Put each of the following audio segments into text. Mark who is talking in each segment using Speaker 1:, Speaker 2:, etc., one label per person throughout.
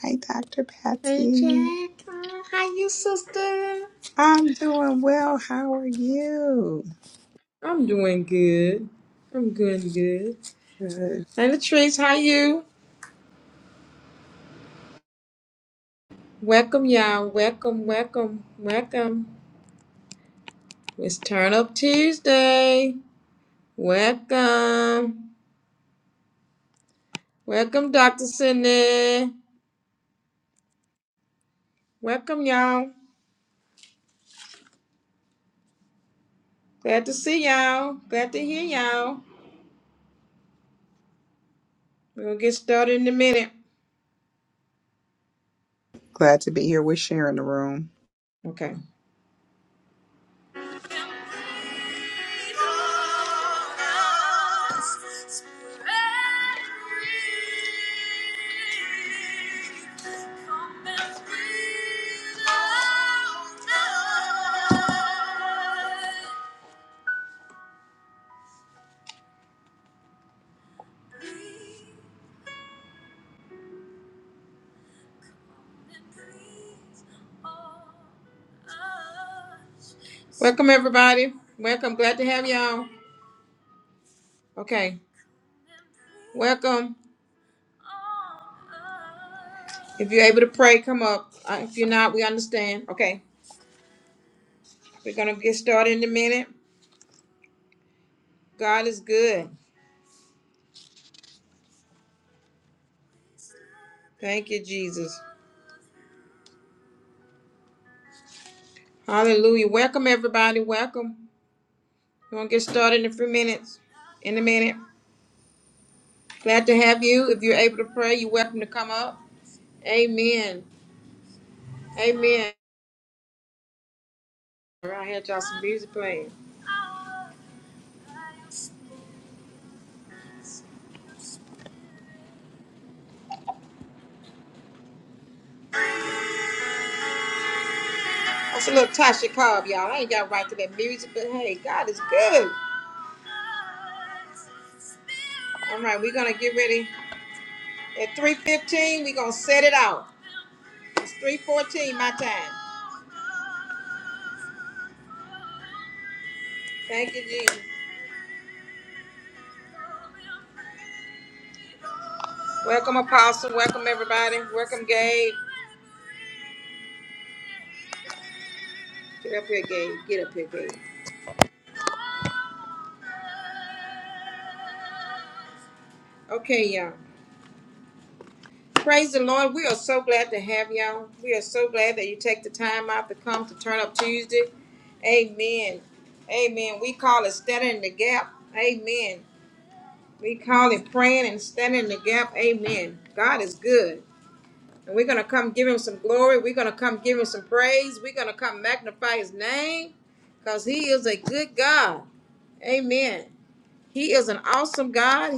Speaker 1: Hi, Dr.
Speaker 2: Hey
Speaker 1: Patsy.
Speaker 2: Jack, uh, how you sister?
Speaker 1: I'm doing well. How are you?
Speaker 2: I'm doing good. I'm good, good.
Speaker 1: Good.
Speaker 2: And Latrice, how you? Welcome y'all. Welcome, welcome, welcome. It's Turn Up Tuesday. Welcome. Welcome, Dr. Sydney. Welcome y'all. Glad to see y'all. Glad to hear y'all. We're gonna get started in a minute.
Speaker 1: Glad to be here. We're sharing the room.
Speaker 2: Okay. Welcome, everybody. Welcome. Glad to have y'all. Okay. Welcome. If you're able to pray, come up. Uh, If you're not, we understand. Okay. We're going to get started in a minute. God is good. Thank you, Jesus. Hallelujah. Welcome, everybody. Welcome. We're going to get started in a few minutes. In a minute. Glad to have you. If you're able to pray, you're welcome to come up. Amen. Amen. All right, I had y'all some music playing. That's a little Tasha Cobb, y'all. I ain't got right to that music, but hey, God is good. All right, we're going to get ready. At 3.15, we're going to set it out. It's 3.14 my time. Thank you, Jesus. Welcome, Apostle. Welcome, everybody. Welcome, Gabe. Get up here, Gabe. Get up here, Gabe. Okay, y'all. Praise the Lord. We are so glad to have y'all. We are so glad that you take the time out to come to Turn Up Tuesday. Amen. Amen. We call it standing in the gap. Amen. We call it praying and standing in the gap. Amen. God is good. And we're going to come give him some glory. We're going to come give him some praise. We're going to come magnify his name because he is a good God. Amen. He is an awesome God.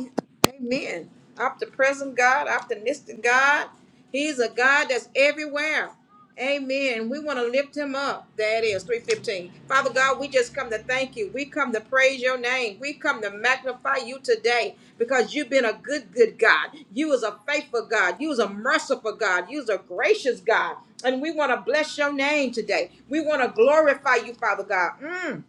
Speaker 2: Amen. Omnipresent God, optimistic God. He's a God that's everywhere. Amen. We want to lift him up. That is 315. Father God, we just come to thank you. We come to praise your name. We come to magnify you today because you've been a good, good God. You is a faithful God. You is a merciful God. You is a gracious God. And we want to bless your name today. We want to glorify you, Father God. Mm.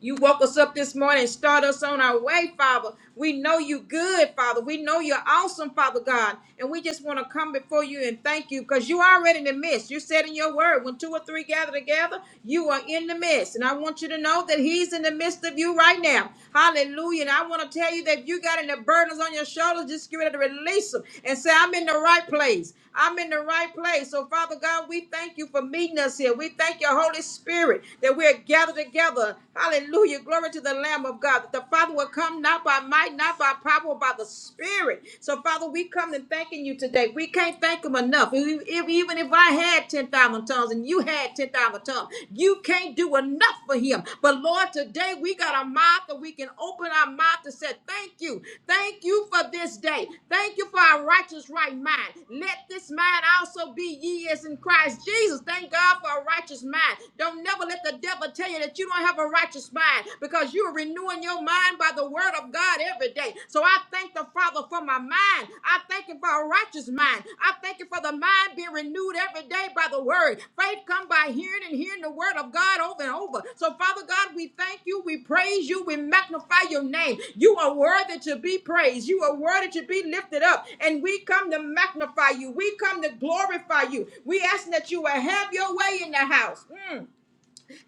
Speaker 2: You woke us up this morning and start us on our way, Father. We know you good, Father. We know you're awesome, Father God. And we just want to come before you and thank you because you already in the midst. You said in your word, when two or three gather together, you are in the midst. And I want you to know that he's in the midst of you right now. Hallelujah. And I want to tell you that if you got any burdens on your shoulders, just get ready to release them and say, I'm in the right place. I'm in the right place. So, Father God, we thank you for meeting us here. We thank your Holy Spirit that we're gathered together together. Hallelujah. Glory to the Lamb of God. That the Father will come not by might, not by power, but by the Spirit. So, Father, we come and thanking you today. We can't thank him enough. If- if- Even if I had 10,000 tongues and you had 10,000 tongues, you can't do enough for him. But, Lord, today we got a mouth that we can open our mouth to say, Thank you. Thank you for this day. Thank you for our righteous right mind. Let this mind also be ye as in Christ Jesus. Thank God for a righteous mind. Don't never let the the devil tell you that you don't have a righteous mind because you're renewing your mind by the word of God every day. So I thank the Father for my mind. I thank Him for a righteous mind. I thank you for the mind being renewed every day by the word. Faith come by hearing and hearing the word of God over and over. So Father God, we thank you. We praise you. We magnify your name. You are worthy to be praised. You are worthy to be lifted up. And we come to magnify you. We come to glorify you. We ask that you will have your way in the house. Mm.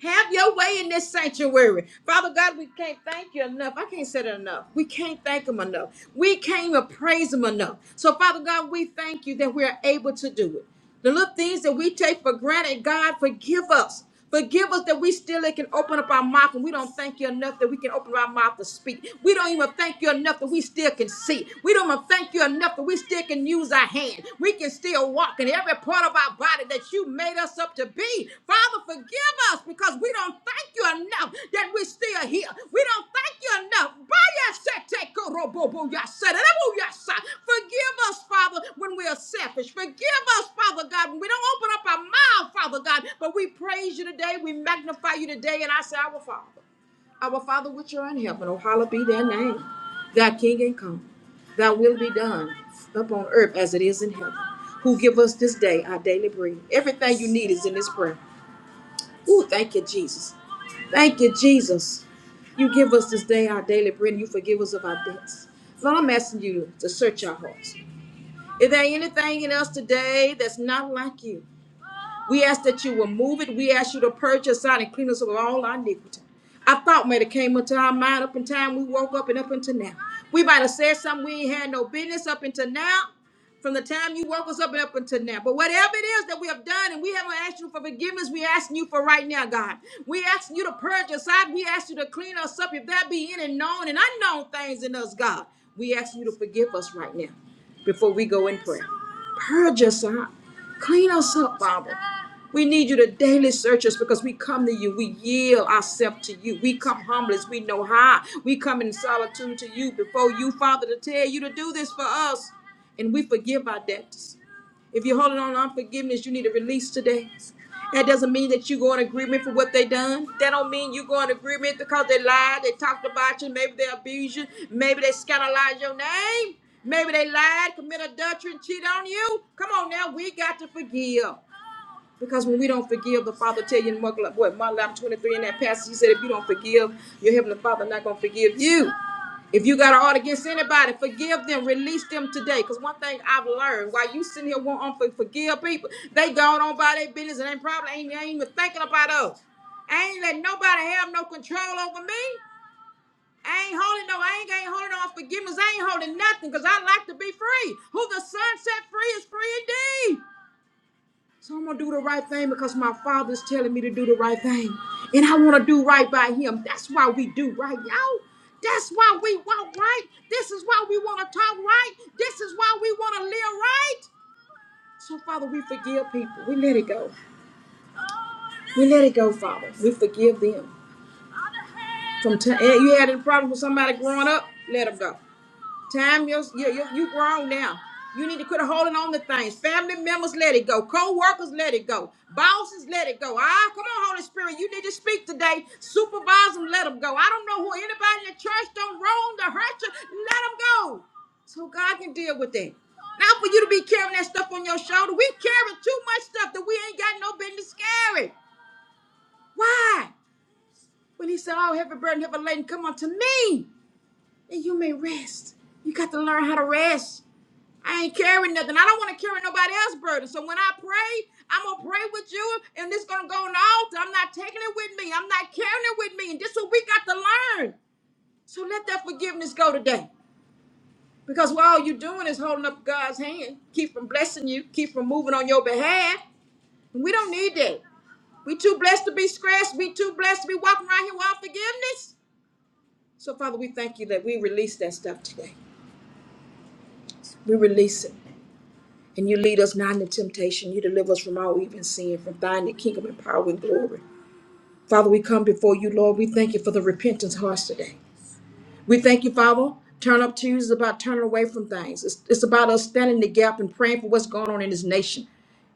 Speaker 2: Have your way in this sanctuary. Father God, we can't thank you enough. I can't say it enough. We can't thank him enough. We can't even praise him enough. So, Father God, we thank you that we are able to do it. The little things that we take for granted, God, forgive us. Forgive us that we still can open up our mouth and we don't thank you enough that we can open up our mouth to speak. We don't even thank you enough that we still can see. We don't even thank you enough that we still can we can use our hand. We can still walk in every part of our body that you made us up to be. Father, forgive us because we don't thank you enough that we're still here. We don't thank you enough. Forgive us, Father, when we are selfish. Forgive us, Father God, when we don't open up our mouth, Father God, but we praise you today. We magnify you today, and I say, Our Father. Our Father which art in heaven, oh hallowed be thy name. Thy kingdom come, thy will be done upon earth as it is in heaven. Who give us this day our daily bread. Everything you need is in this prayer. Ooh, thank you, Jesus. Thank you, Jesus. You give us this day our daily bread and you forgive us of our debts. Lord, I'm asking you to search our hearts. Is there anything in us today that's not like you? We ask that you will move it. We ask you to purge us out and clean us of all our iniquity. I thought might have came into our mind up in time we woke up and up until now. We might have said something we ain't had no business up until now, from the time you woke us up and up until now. But whatever it is that we have done and we haven't asked you for forgiveness, we asking you for right now, God. We asking you to purge us out. We ask you to clean us up if there be any known and unknown things in us, God. We ask you to forgive us right now before we go in prayer. Purge us out. Clean us up, Father. We need you to daily search us because we come to you. We yield ourselves to you. We come humble as we know how. We come in solitude to you before you, Father, to tell you to do this for us. And we forgive our debtors. If you're holding on to unforgiveness, you need to release today. That doesn't mean that you go in agreement for what they done. That don't mean you go in agreement because they lied, they talked about you, maybe they abused you, maybe they scandalized your name, maybe they lied, committed adultery, and cheated on you. Come on now, we got to forgive. Because when we don't forgive, the Father tell you in Mark, what, Mark 11, 23 in that passage, he said, if you don't forgive, your Heavenly Father not going to forgive you. If you got an art against anybody, forgive them, release them today. Because one thing I've learned, while you sitting here wanting to forgive people, they gone on by their business and they probably ain't, ain't even thinking about us. I ain't letting nobody have no control over me. I ain't holding no, I ain't, ain't holding on forgiveness. I ain't holding nothing because I like to be free. Who the Son set free is free indeed. So I'm gonna do the right thing because my father's telling me to do the right thing. And I wanna do right by him. That's why we do right, y'all. That's why we walk right. This is why we wanna talk right. This is why we wanna live right. So, Father, we forgive people. We let it go. We let it go, Father. We forgive them. From t- eh, you had a problem with somebody growing up, let them go. Time you you you you grown now. You need to quit holding on to things. Family members, let it go. Co-workers, let it go. Bosses, let it go. Ah, come on, Holy Spirit. You need to speak today. Supervise them, let them go. I don't know who anybody in the church don't wrong to hurt you. Let them go. So God can deal with that. Not for you to be carrying that stuff on your shoulder. We carry too much stuff that we ain't got no business carrying. Why? When he said, Oh, heavy burden, heavy laden, come unto me, and you may rest. You got to learn how to rest. I ain't carrying nothing. I don't want to carry nobody else's burden. So when I pray, I'm gonna pray with you, and this gonna go on the altar. I'm not taking it with me. I'm not carrying it with me. And this is what we got to learn. So let that forgiveness go today, because what all you're doing is holding up God's hand, keep from blessing you, keep from moving on your behalf. And we don't need that. We too blessed to be scratched. We too blessed to be walking around here without forgiveness. So Father, we thank you that we release that stuff today. We release it. And you lead us not into temptation. You deliver us from all evil and sin, from thine the kingdom and power and glory. Father, we come before you, Lord. We thank you for the repentance hearts today. We thank you, Father. Turn Up Tuesday is about turning away from things. It's, it's about us standing in the gap and praying for what's going on in this nation.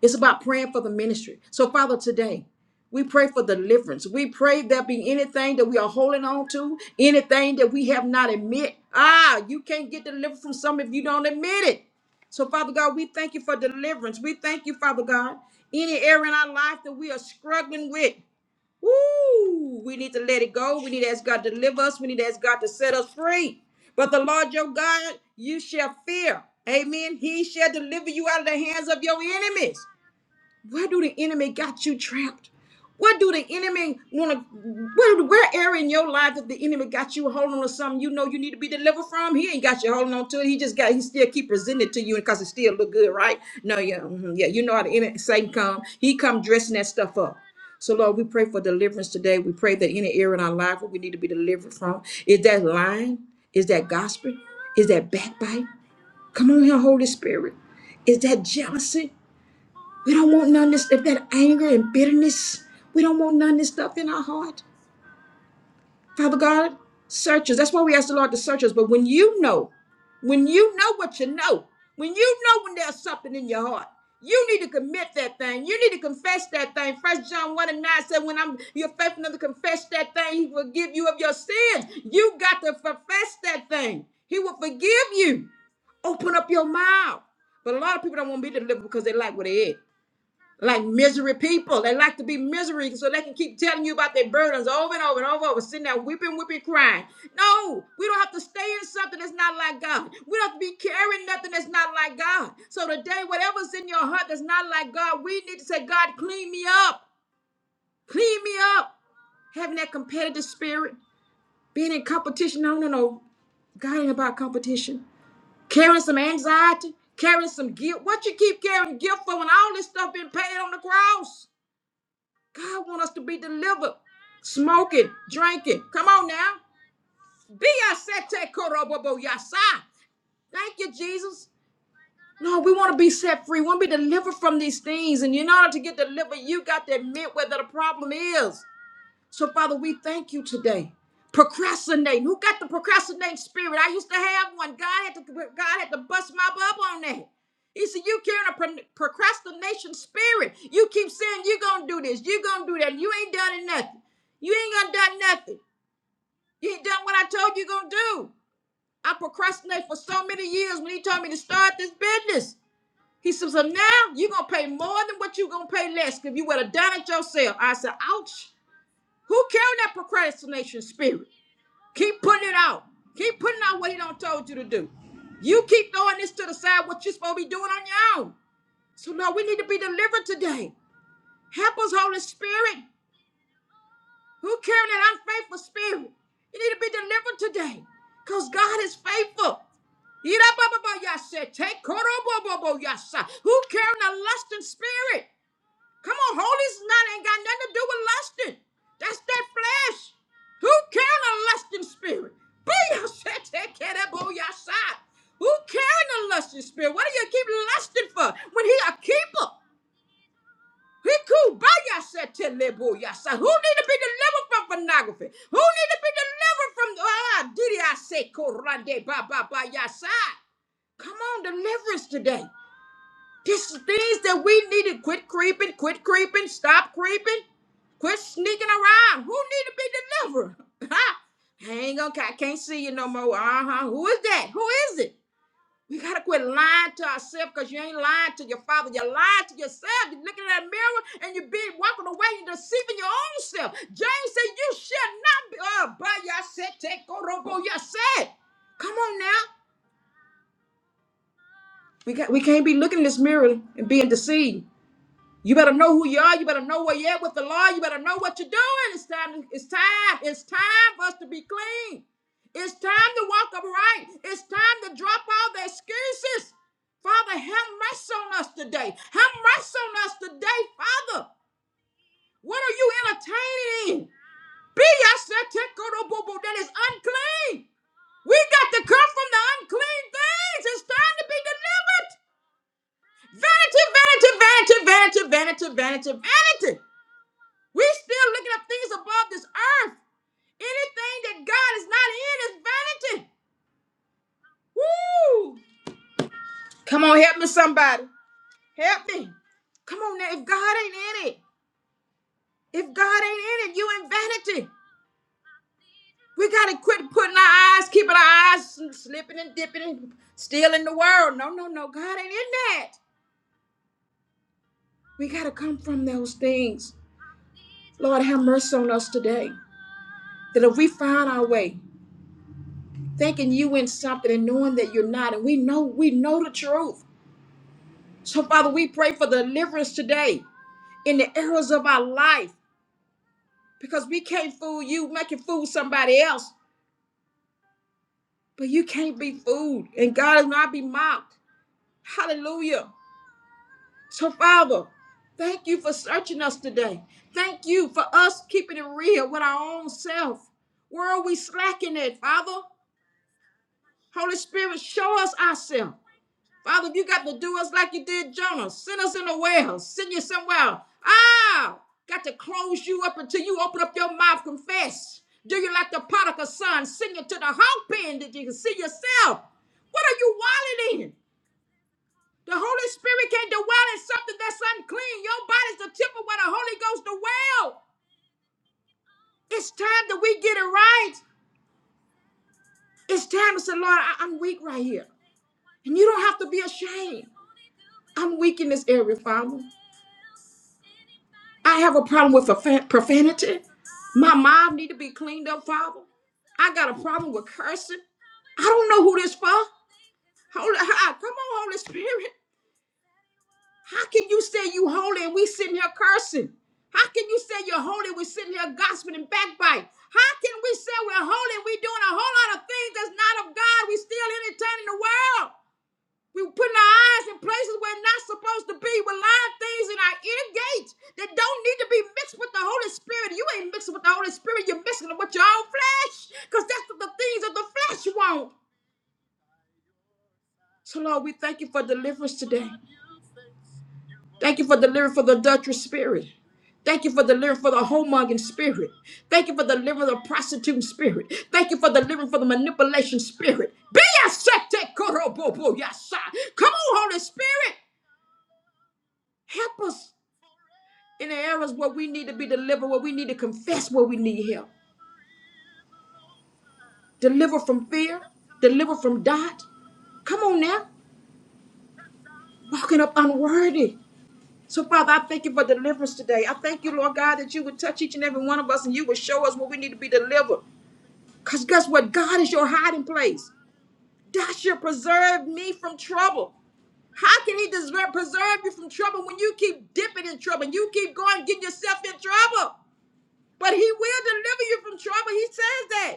Speaker 2: It's about praying for the ministry. So, Father, today, we pray for deliverance. We pray there be anything that we are holding on to, anything that we have not admit. Ah, you can't get delivered from something if you don't admit it. So, Father God, we thank you for deliverance. We thank you, Father God. Any area in our life that we are struggling with. Woo! We need to let it go. We need to ask God to deliver us. We need to ask God to set us free. But the Lord your God, you shall fear. Amen. He shall deliver you out of the hands of your enemies. Where do the enemy got you trapped? What do the enemy want to? Where, where area in your life that the enemy got you holding on to something you know you need to be delivered from? He ain't got you holding on to it. He just got he still keep presenting it to you because it still look good, right? No, yeah, mhm, yeah. You know how the enemy Satan come. He come dressing that stuff up. So Lord, we pray for deliverance today. We pray that any area in our life where we need to be delivered from is that lying, is that gospel, is that backbite. Come on here, Holy Spirit. Is that jealousy? We don't want none of this, if that anger and bitterness, we don't want none of this stuff in our heart. Father God, search us. That's why we ask the Lord to search us. But when you know, when you know what you know, when you know when there's something in your heart, you need to commit that thing. You need to confess that thing. First John 1 and 9 said, When I'm you're faithful enough to confess that thing, he will give you of your sins. You got to confess that thing. He will forgive you. Open up your mouth. But a lot of people don't want to be delivered because they like what they eat like misery people. They like to be misery so they can keep telling you about their burdens over and over and over, over sitting there weeping, weeping, crying. No, we don't have to stay in something that's not like God. We don't have to be carrying nothing that's not like God. So today, whatever's in your heart that's not like God, we need to say, God, clean me up. Clean me up. Having that competitive spirit, being in competition. No, no, no. God ain't about competition. Carrying some anxiety, carrying some guilt. What you keep carrying guilt for when all this stuff been paid on the cross? God want us to be delivered. Smoking, drinking. Come on now. Be ya set te korobobo yasa. Thank you, Jesus. No, we want to be set free. We want to be delivered from these things. And in order to get delivered, you got to admit where the problem is. So, Father, we thank you today. Procrastinating. Who got the procrastinating spirit? I used to have one. God had to God had to bust my bub on that. He said, You carrying a pro- procrastination spirit. You keep saying you're gonna do this, you're gonna do that. You ain't done it nothing. You ain't gonna done nothing. You ain't done what I told you gonna do. I procrastinated for so many years when he told me to start this business. He said, So now you're gonna pay more than what you're gonna pay less. If you would have done it yourself. I said, ouch. Who carrying that procrastination spirit? Keep putting it out. Keep putting out what he done told you to do. You keep throwing this to the side, what you're supposed to be doing on your own. So Lord, we need to be delivered today. Help us, Holy Spirit. Who carrying that unfaithful spirit? You need to be delivered today. Because God is faithful. Ira ba ba ba yasha, Take koro bo bo bo yasha. Who carrying a lusting spirit? Come on, holy not ain't got nothing to do with lusting. That's that flesh. Who carrying a lusting spirit? Booyah! Who carrying a lusting spirit? What do you keep lusting for when he a keeper? He cool by yourself till they Who need to be delivered from pornography? Who need to be delivered from ah? Did I say korande ba ba ba yasa? Come on, deliverance today. Just things that we need to quit creeping, quit creeping, stop creeping, quit sneaking around. Who need to be delivered? Huh? I ain't gonna, I can't see you no more. Uh huh. Who is that? Who is it? We gotta quit lying to ourselves because you ain't lying to your father. You're lying to yourself. You're looking in that mirror and you're being walking away. You're deceiving your own self. James said, You shall not be. Uh, by yourself, take robo yourself. Come on now. We, got, we can't be looking in this mirror and being deceived. You better know who you are. You better know where you're at with the law. You better know what you're doing. It's time. It's time. It's time for us to be clean. It's time to walk upright. It's time to drop all the excuses. Father, have mercy on us today. Have mercy on us today, Father. What are you entertaining? Be yourself, that is unclean. We got to come from the unclean things. It's time to be delivered. Vanity, vanity, vanity, vanity, vanity, vanity, vanity. We're still looking up things above this earth. Anything that God is not in is vanity. Woo! Come on, help me, somebody. Help me. Come on now. If God ain't in it, if God ain't in it, you in vanity. We gotta quit putting our eyes, keeping our eyes slipping and dipping and still the world. No, no, no. God ain't in that. We gotta come from those things. Lord, have mercy on us today. That if we find our way, thinking you in something and knowing that you're not, and we know we know the truth. So, Father, we pray for deliverance today in the areas of our life because we can't fool you. We can fool somebody else, but you can't be fooled. And God will not be mocked. Hallelujah. So, Father, thank you for searching us today. Thank you for us keeping it real with our own self. Where are we slacking at, Father? Holy Spirit, show us ourselves. Father, if you got to do us like you did Jonah, send us in a warehouse, send you somewhere. Ah, got to close you up until you open up your mouth, confess. Do you like the prodigal son? Send you to the hog pen that you can see yourself. What are you wallowing in? The Holy Spirit can't dwell in something that's unclean. Your body's the temple where the Holy Ghost dwells. It's time that we get it right. It's time to say, Lord, I- I'm weak right here. And you don't have to be ashamed. I'm weak in this area, Father. I have a problem with profa- profanity. My mom need to be cleaned up, Father. I got a problem with cursing. I don't know who this for. Holy, ah, come on, Holy Spirit. How can you say you holy and we sitting here cursing? How can you say you're holy and we sitting here gossiping and backbite? How can we say we're holy and we doing a whole lot of things that's not of God? We still entertaining the world. We were putting our eyes in places we're not supposed to be. We're lying things in our ear gates that don't need to be mixed with the Holy Spirit. You ain't mixing with the Holy Spirit. You're mixing it with your own flesh because that's what the things of the flesh want. So, Lord, we thank you for deliverance today. Thank you for deliverance for the adulterous spirit. Thank you for delivering for the homongering spirit. Thank you for delivering the prostituting spirit. Thank you for delivering for the manipulation spirit. Be a sete korobobo yasa. Come on, Holy Spirit. Help us. in the areas where we need to be delivered, where we need to confess where we need help. Deliver from fear, deliver from doubt. Come on now, walking up unworthy. So, Father, I thank you for deliverance today. I thank you, Lord God, that you would touch each and every one of us and you would show us where we need to be delivered. Because guess what? God is your hiding place. That should preserve me from trouble. How can He deserve, preserve you from trouble when you keep dipping in trouble? and You keep going, getting yourself in trouble. But He will deliver you from trouble. He says that.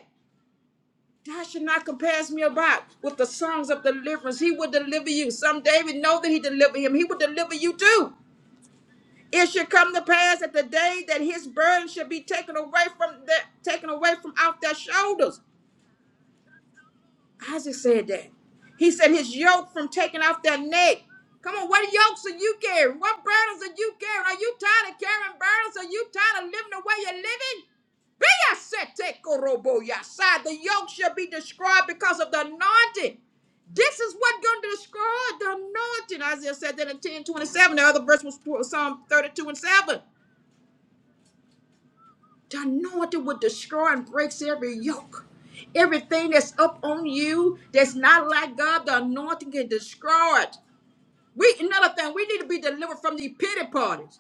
Speaker 2: Thou should not compares me about with the songs of deliverance. He will deliver you. Some David know that he delivered him. He will deliver you too. It should come to pass at the day that his burden should be taken away from that taken away from off their shoulders. Isaac said that. He said his yoke from taking off their neck. Come on, what yokes are you carrying? What burdens are you carrying? Are you tired of carrying burdens? Are you tired of living the way you're living? Be a sete korobo yasai. The yoke shall be destroyed because of the anointing. This is what going to destroy the anointing. Isaiah said that in 10 27. The other verse was Psalm 32 and 7. The anointing will destroy and breaks every yoke. Everything that's up on you that's not like God, the anointing can destroy it. We another thing, we need to be delivered from these pity parties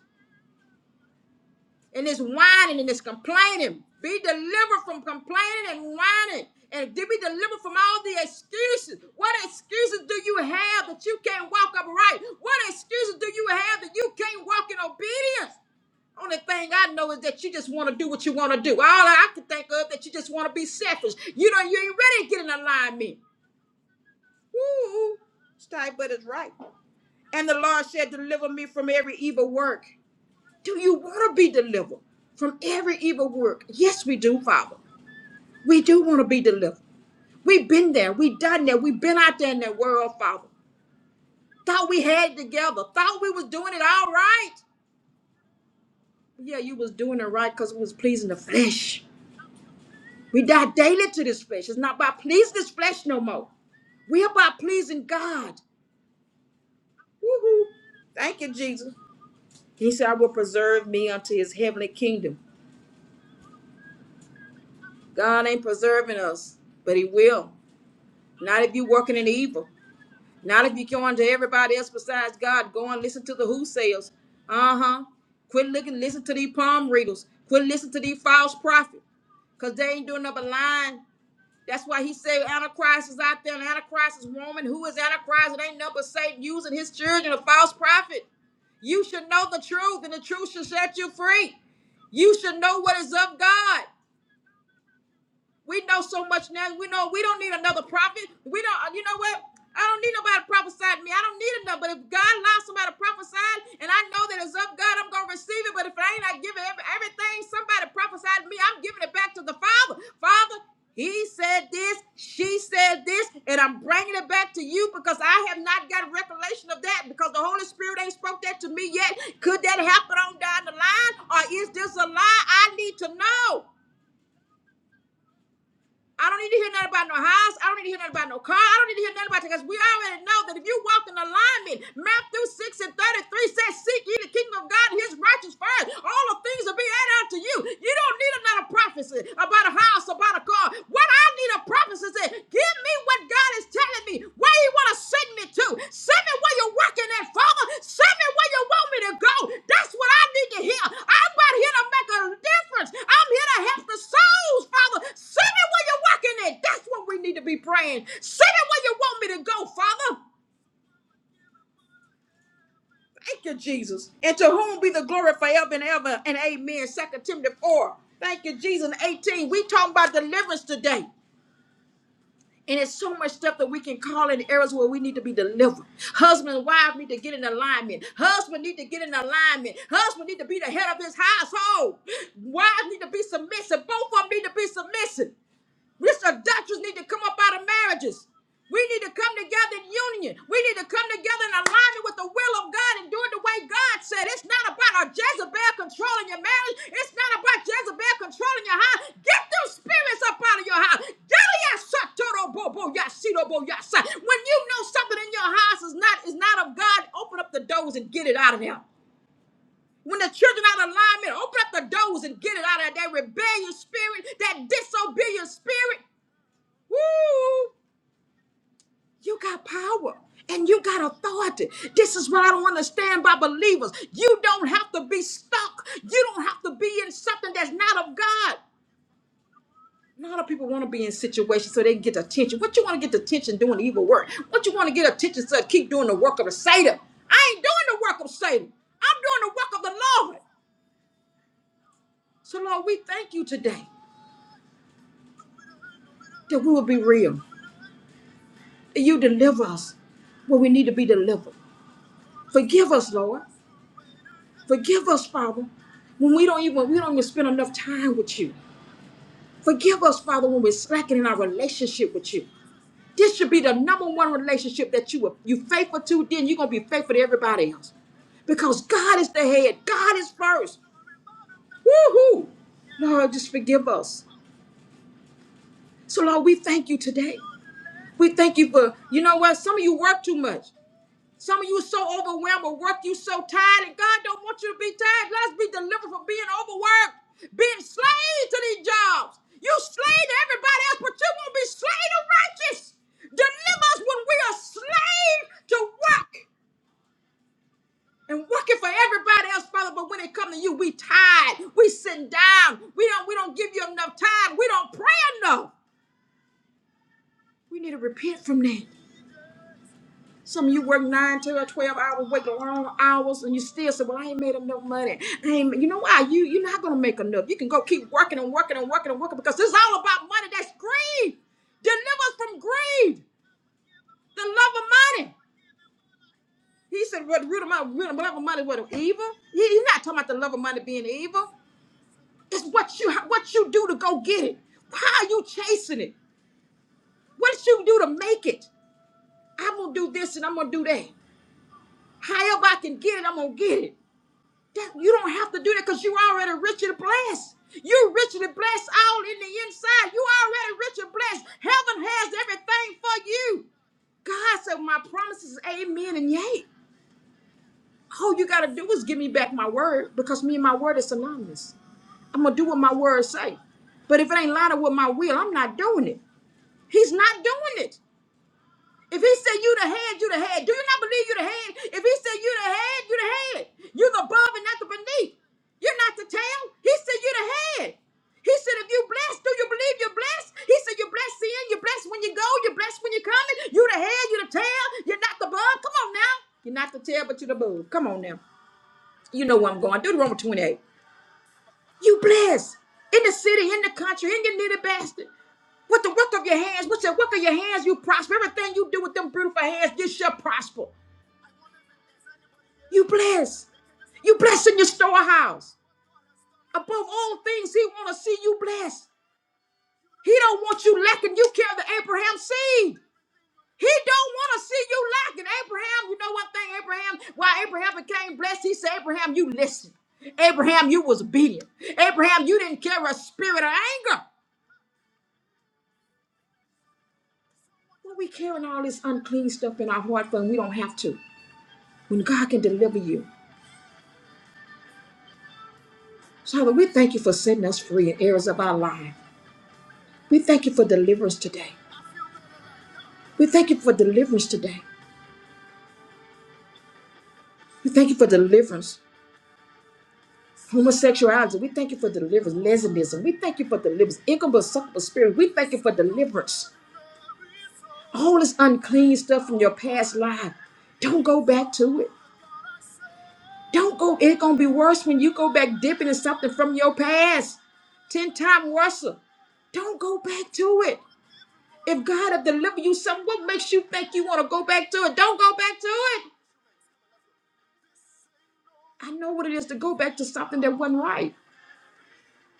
Speaker 2: and this whining and this complaining. Be delivered from complaining and whining. And be delivered from all the excuses. What excuses do you have that you can't walk upright? What excuses do you have that you can't walk in obedience? Only thing I know is that you just want to do what you want to do. All I can think of that you just want to be selfish. You don't, you ain't ready to get in alignment. Woo! Stay, but it's right. And the Lord said, "Deliver me from every evil work." Do you want to be delivered from every evil work? Yes, we do, Father. We do want to be delivered. We've been there. We've done that. We've been out there in that world, Father. Thought we had it together. Thought we was doing it all right. Yeah, you was doing it right because it was pleasing the flesh. We die daily to this flesh. It's not about pleasing this flesh no more. We are about pleasing God. Woo-hoo. Thank you, Jesus. He said, I will preserve me unto his heavenly kingdom. God ain't preserving us, but he will. Not if you're working in evil. Not if you're going to everybody else besides God. Go and listen to the who sayers. Uh-huh. Quit looking, listen to these palm readers. Quit listening to these false prophets. Because they ain't doing up a line. That's why he said Antichrist is out there, and Antichrist is woman. Who is Antichrist? It ain't nothing but Satan using his children, a false prophet. You should know the truth, and the truth should set you free. You should know what is of God. We know so much now. We know we don't need another prophet. We don't, you know what? I don't need nobody to prophesy to me. I don't need another. But if God allows somebody to prophesy and I know that it's of God, I'm going to receive it. But if I ain't, I give it every, everything. Somebody prophesied to me. I'm giving it back to the Father. Father, he said this, she said this, and I'm bringing it back to you because I have not got recollection of that because the Holy Spirit ain't spoke that to me yet. Could that happen on down the line or is this a lie? I need to know. I don't need to hear nothing about no house. I don't need to hear nothing about no car. I don't need to hear nothing about it, because we already know that if you walk in alignment, Matthew 6 and 33 says, Seek ye the kingdom of God and his righteous first. All the things will be added unto you. You don't need another prophecy about a house, about a car. What I need a prophecy is that give me what God is telling me, where you want to send me to. Send me where you're working at, Father. Send me where you want me to go. That's what I need to hear. I'm not here to make a difference. I'm here to help the goes, Father. Send me where you're working at. That's what we need to be praying. Send me where you want me to go, Father. Thank you, Jesus. And to whom be the glory forever and ever. And amen. Second Timothy 4. Thank you, Jesus. And 18. We talking about deliverance today. And it's so much stuff that we can call in areas where we need to be delivered. Husband and wife need to get in alignment. Husband need to get in alignment. Husband need to be the head of his household. Wives need to be submissive. Both of them need to be submissive. This adulterers need to come up out of marriages. We need to come together in union. We need to come together in alignment with the will of God and do it the way God said. It's not about a Jezebel controlling your marriage. It's not about Jezebel controlling your house. Get those spirits up out of your house. Deliasatoroboboyasidobosai. When you know something in your house is not is not of God, open up the doors and get it out of there. When the children out of alignment, open up the doors and get it out of there. That rebellious spirit, that disobedient spirit. Woo! You got power and you got authority. This is what I don't understand by believers. You don't have to be stuck. You don't have to be in something that's not of God. A lot of people want to be in situations so they can get attention. What you want to get attention doing evil work? What you want to get attention so keep doing the work of the Satan? I ain't doing the work of Satan. I'm doing the work of the Lord. So Lord, we thank you today that we will be real. You deliver us where we need to be delivered. Forgive us, Lord. Forgive us, Father, when we don't even we don't even spend enough time with you. Forgive us, Father, when we're slacking in our relationship with you. This should be the number one relationship that you were you faithful to, then you're gonna be faithful to everybody else. Because God is the head, God is first. Woo-hoo! Lord, just forgive us. So Lord, we thank you today. We thank you for you know what? Some of you work too much. Some of you are so overwhelmed with work, you so tired, and God don't want you to be tired. Let us be delivered from being overworked, being slaves to these jobs. You slave to everybody else, but you won't be slave to righteous. Deliver us when we are slave to work and working for everybody else, Father. But when it comes to you, we tired. We sitting down. We don't. We don't give you enough time. We don't pray enough. We need to repent from that. Some of you work nine to a twelve hours, work long hours, and you still say, "Well, I ain't made enough money." I ain't, ma-" you know why? You you're not gonna make enough. You can go keep working and working and working and working because this is all about money. That's greed. Deliver us from greed, the love of money. He said, "What the root of my root of love of money? What of evil?" He, he's not talking about the love of money being evil. It's what you what you do to go get it. How you chasing it? What you do to make it? I'm gonna do this and I'm gonna do that. However I can get it, I'm gonna get it. That- you don't have to do that because you're already rich and blessed. You're richly blessed all in the inside. You already rich and blessed. Heaven has everything for you. God said, My promises, amen and yay. All you gotta do is give me back my word because me and my word is synonymous. I'm gonna do what my word say. But if it ain't lined up with my will, I'm not doing it. He's not doing it. If he said you the head, you the head. Do you not believe you the head? If he said you the head, you the head. You're the above and not the beneath. You're not the tail. He said you the head. He said if you blessed, do you believe you're blessed? He said you're blessed in, you're blessed when you go, you're blessed when you're coming. You the head, you the tail. You're not the above. Come on now. You're not the tail, but you're the above. Come on now. You know where I'm going. Deuteronomy 28. You blessed in the city, in the country, in your needy bastard. With the work of your hands, with the work of your hands, you prosper. Everything you do with them beautiful hands, you shall prosper. You blessed. You blessed in your storehouse. Above all things, he want to see you blessed. He don't want you lacking. You carry the Abraham seed. He don't want to see you lacking. Abraham, you know one thing, Abraham, why Abraham became blessed? He said, Abraham, you listened. Abraham, you was obedient. Abraham, you didn't carry a spirit of anger. Why we carrying all this unclean stuff in our heart when we don't have to? When God can deliver you. Father, we thank you for setting us free in areas of our life. We thank you for deliverance today. We thank you for deliverance today. We thank you for deliverance. Homosexuality, we thank you for deliverance. Lesbianism, we thank you for deliverance. incubus succubus spirit, we thank you for deliverance. All this unclean stuff from your past life, don't go back to it. Don't go. It's gonna be worse when you go back dipping in something from your past. Ten times worse. Don't go back to it. If God have delivered you something, what makes you think you want to go back to it? Don't go back to it. I know what it is to go back to something that wasn't right.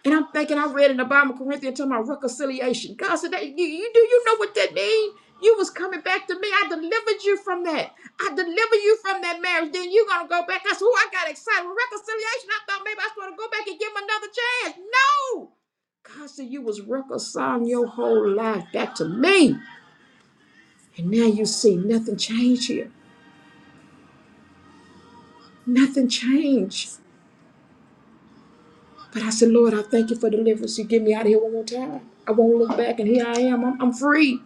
Speaker 2: And I'm thinking, I read in the Bible, Corinthians, talking about reconciliation. God said, that, you, you do you know what that means? You was coming back to me. I delivered you from that. I delivered you from that marriage. Then you gonna go back. I said, who I got excited. With reconciliation. I thought maybe I was gonna go back and give him another chance. No! God said you was reconciling your whole life back to me. And now you see nothing changed here. Nothing changed. But I said, Lord, I thank you for deliverance. You get me out of here one more time. I won't look back, and here I am. I'm, I'm free.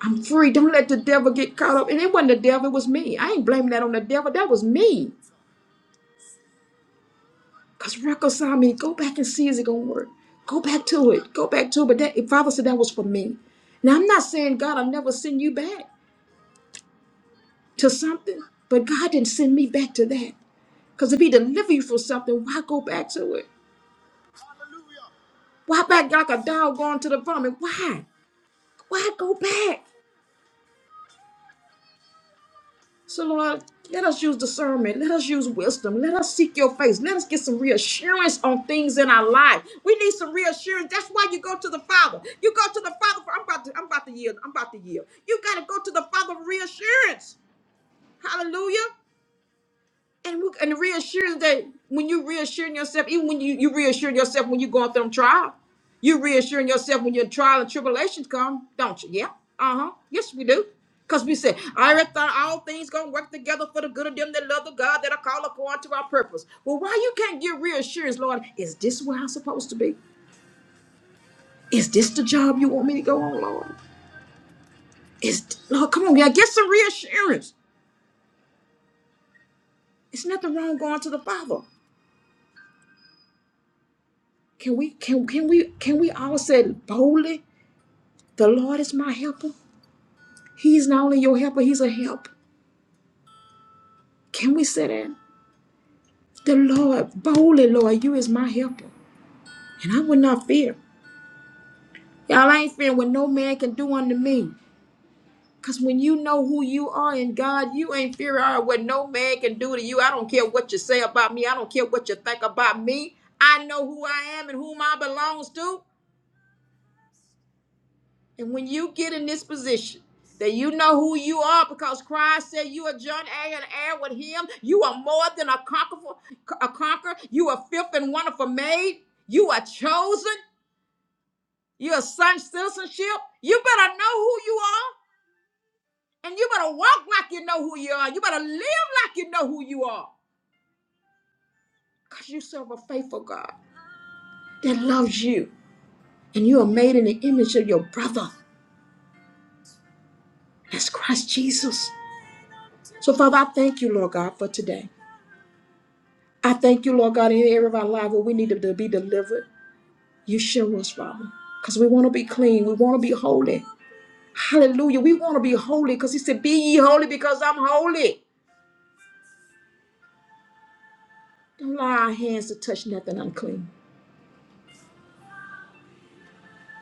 Speaker 2: I'm free. Don't let the devil get caught up. And it wasn't the devil, it was me. I ain't blaming that on the devil. That was me. Because reconcile me. Go back and see is it going to work. Go back to it. Go back to it. But that, Father said that was for me. Now, I'm not saying, God, I'll never send you back to something. But God didn't send me back to that. Because if He delivered you from something, why go back to it? Why back like a dog going to the vomit? Why? Why go back? So, Lord, let us use discernment. Let us use wisdom. Let us seek your face. Let us get some reassurance on things in our life. We need some reassurance. That's why you go to the Father. You go to the Father for I'm about to I'm about to yield. I'm about to yield. You gotta go to the Father for reassurance. Hallelujah and we- and reassuring that when you're reassuring yourself, even when you you reassuring yourself when you're going through them trial, you're reassuring yourself when your trial and tribulations come, don't you? Yeah. Uh huh. Yes, we do. Cause we say, I already thought all things gonna work together for the good of them that love the God that are called according to our purpose. Well, why you can't get reassurance, Lord? Is this where I'm supposed to be? Is this the job you want me to go on, Lord? Is Lord, come on, yeah, get some reassurance. It's nothing wrong going to the Father. Can we can can we can we all say boldly? The Lord is my helper. He's not only your helper, He's a help. Can we say that? The Lord, boldly, Lord, you is my helper. And I will not fear. Y'all I ain't fearing what no man can do unto me. Because when you know who you are in God, you ain't fearing all what no man can do to you. I don't care what you say about me. I don't care what you think about me. I know who I am and whom I belongs to. And when you get in this position that you know who you are because Christ said you are joint heir and heir with him, you are more than a conqueror, a conqueror. You are fifth and wonderful made. You are chosen. You are son citizenship. You better know who you are. And you better walk like you know who you are. You better live like you know who you are. Because you serve a faithful God that loves you. And you are made in the image of your brother. That's Christ Jesus. So, Father, I thank you, Lord God, for today. I thank you, Lord God, in every area of our life where we need to to be delivered. You show us, Father, because we want to be clean. We want to be holy. Hallelujah. We want to be holy because He said, Be ye holy because I'm holy. Don't allow our hands to touch nothing unclean.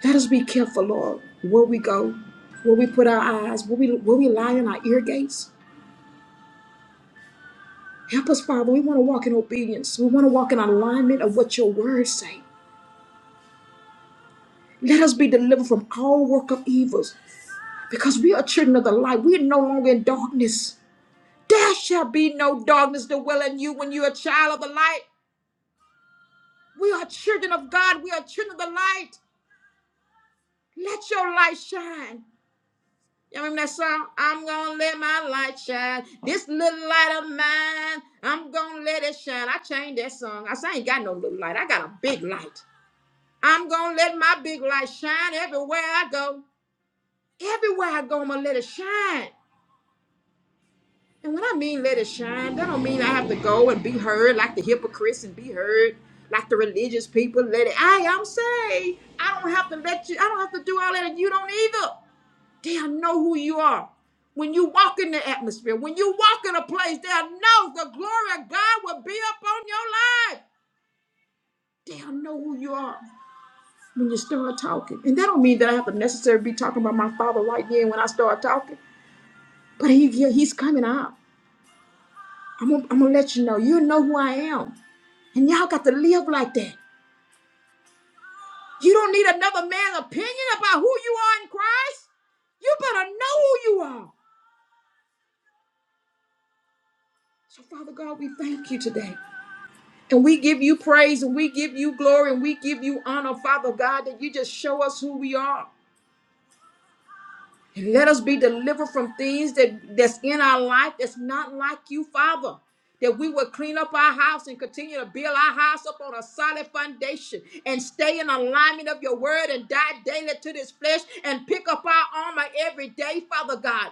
Speaker 2: Let us be careful, Lord, where we go, where we put our eyes, where we, where we lie in our ear gates. Help us, Father. We want to walk in obedience. We want to walk in alignment of what your words say. Let us be delivered from all work of evils because we are children of the light. We are no longer in darkness. There shall be no darkness dwelling you when you're a child of the light. We are children of God. We are children of the light. Let your light shine. You remember that song? I'm gonna let my light shine. This little light of mine, I'm gonna let it shine. I changed that song. I said, I ain't got no little light. I got a big light. I'm gonna let my big light shine everywhere I go. Everywhere I go, I'm gonna let it shine. And when I mean let it shine, that don't mean I have to go and be heard like the hypocrites and be heard like the religious people. Let it. I am saved. I don't have to let you. I don't have to do all that, and you don't either. They'll know who you are when you walk in the atmosphere. When you walk in a place, they'll know the glory of God will be up on your life. They'll know who you are when you start talking. And that don't mean that I have to necessarily be talking about my father right then when I start talking. But he, he- he's coming out. I'm gonna, I'm gonna let you know. You know who I am. And y'all got to live like that. You don't need another man's opinion about who you are in Christ. You better know who you are. So, Father God, we thank you today. And we give you praise and we give you glory and we give you honor, Father God, that you just show us who we are. Let us be delivered from things that, that's in our life that's not like you, Father. That we will clean up our house and continue to build our house up on a solid foundation and stay in alignment of your word and die daily to this flesh and pick up our armor every day, Father God.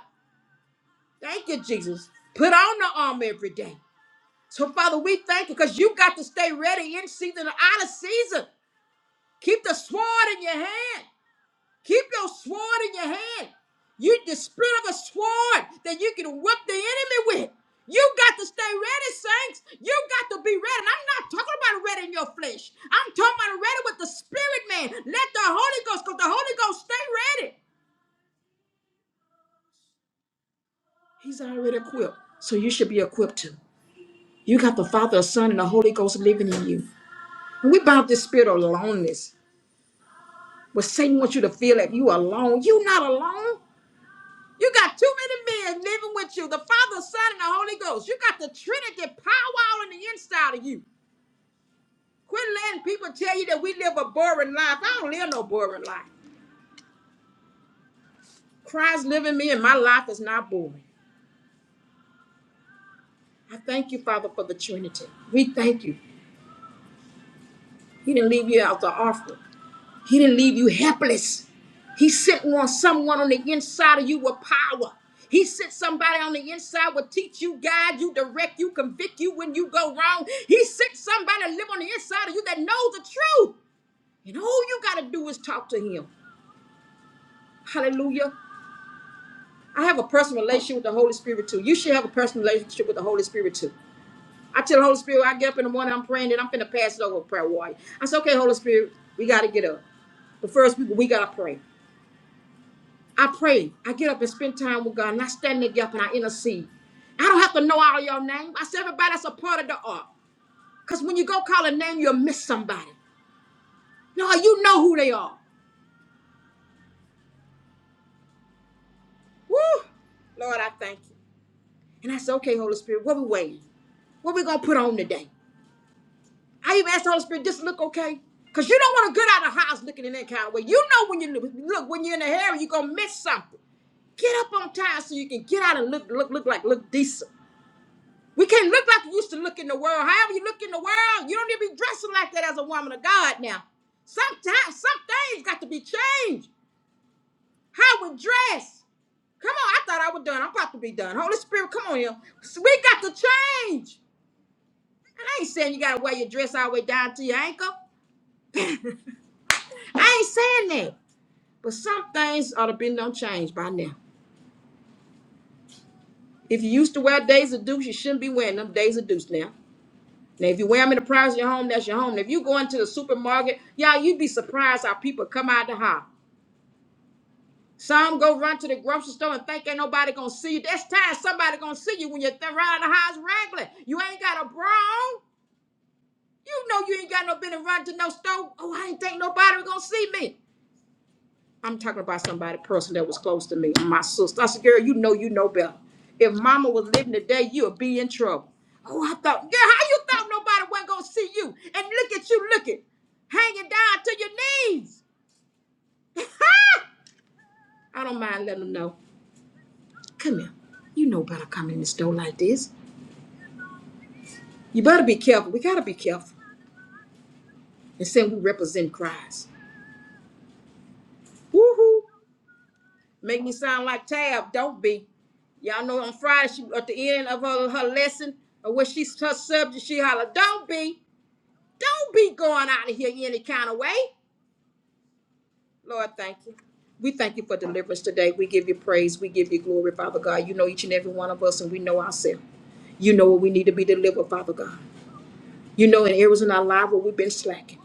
Speaker 2: Thank you, Jesus. Put on the armor every day. So, Father, we thank you because you got to stay ready in season and out of season. Keep the sword in your hand. Keep your sword in your hand. You the spirit of a sword that you can whip the enemy with. You got to stay ready, saints. You got to be ready. And I'm not talking about ready in your flesh. I'm talking about ready with the spirit, man. Let the Holy Ghost, because the Holy Ghost stay ready. He's already equipped. So you should be equipped too. You got the Father, the Son, and the Holy Ghost living in you. And we bind this spirit of loneliness. Where Satan wants you to feel that you are alone. you not alone. You got too many men living with you. The Father, Son, and the Holy Ghost. You got the Trinity power all in the inside of you. Quit letting people tell you that we live a boring life. I don't live no boring life. Christ living me and my life is not boring. I thank you, Father, for the Trinity. We thank you. He didn't leave you out the offering. He didn't leave you helpless. He sent on someone on the inside of you with power. He sent somebody on the inside will teach you, guide you, direct you, convict you when you go wrong. He sent somebody to live on the inside of you that knows the truth. And all you got to do is talk to him. Hallelujah. I have a personal relationship with the Holy Spirit too. You should have a personal relationship with the Holy Spirit too. I tell the Holy Spirit, I get up in the morning, I'm praying, that I'm finna pass it over to prayer warrior. I say, okay, Holy Spirit, we got to get up. But first, we, we got to pray. I pray. I get up and spend time with God, and I stand in the gap and I intercede. I don't have to know all your name. I say everybody that's a part of the art. Because when you go call a name, you'll miss somebody. No, you know who they are. Woo! Lord, I thank you. And I said, okay, Holy Spirit, what we waiting? What we going to put on today? I even asked the Holy Spirit, this look okay? Because you don't want to get out of the house looking in that kind of way. You know when you look, when you're in the hair, you're going to miss something. Get up on time so you can get out and look, look, look like, look decent. We can't look like we used to look in the world. However, you look in the world, you don't need to be dressing like that as a woman of God now. Sometimes some things got to be changed. How we dress. Come on, I thought I was done. I'm about to be done. Holy Spirit, come on here. So we got to change. And I ain't saying you gotta wear your dress all the way down to your ankle. I ain't saying that. But some things ought to been done changed by now. If you used to wear days of deuce, you shouldn't be wearing them days of deuce now. Now, if you wear them in the privacy of your home, that's your home. Now, if you go into the supermarket, y'all, you'd be surprised how people come out the house. Some go run to the grocery store and think ain't nobody gonna see you. That's time somebody gonna see you when you're th- running the house regular. You ain't got a bra on. You know you ain't got no business run to no store. Oh, I ain't think nobody gonna see me. I'm talking about somebody person that was close to me, my sister. I said, girl, you know, you know better. If mama was living today, you would be in trouble. Oh, I thought, girl, how you thought nobody wasn't gonna see you? And look at you looking, hanging down to your knees. Huh?" I don't mind letting them know. Come here. You know better coming in the store like this. You better be careful. We gotta be careful. And saying we represent Christ. woohoo! Make me sound like Tab. Don't be. Y'all know on Friday she at the end of her, her lesson or when she's her subject, she holler, Don't be, don't be going out of here any kind of way. Lord, thank you. We thank you for deliverance today. We give you praise. We give you glory, Father God. You know each and every one of us, and we know ourselves. You know what we need to be delivered, Father God. You know in areas in our life where we've been slacking.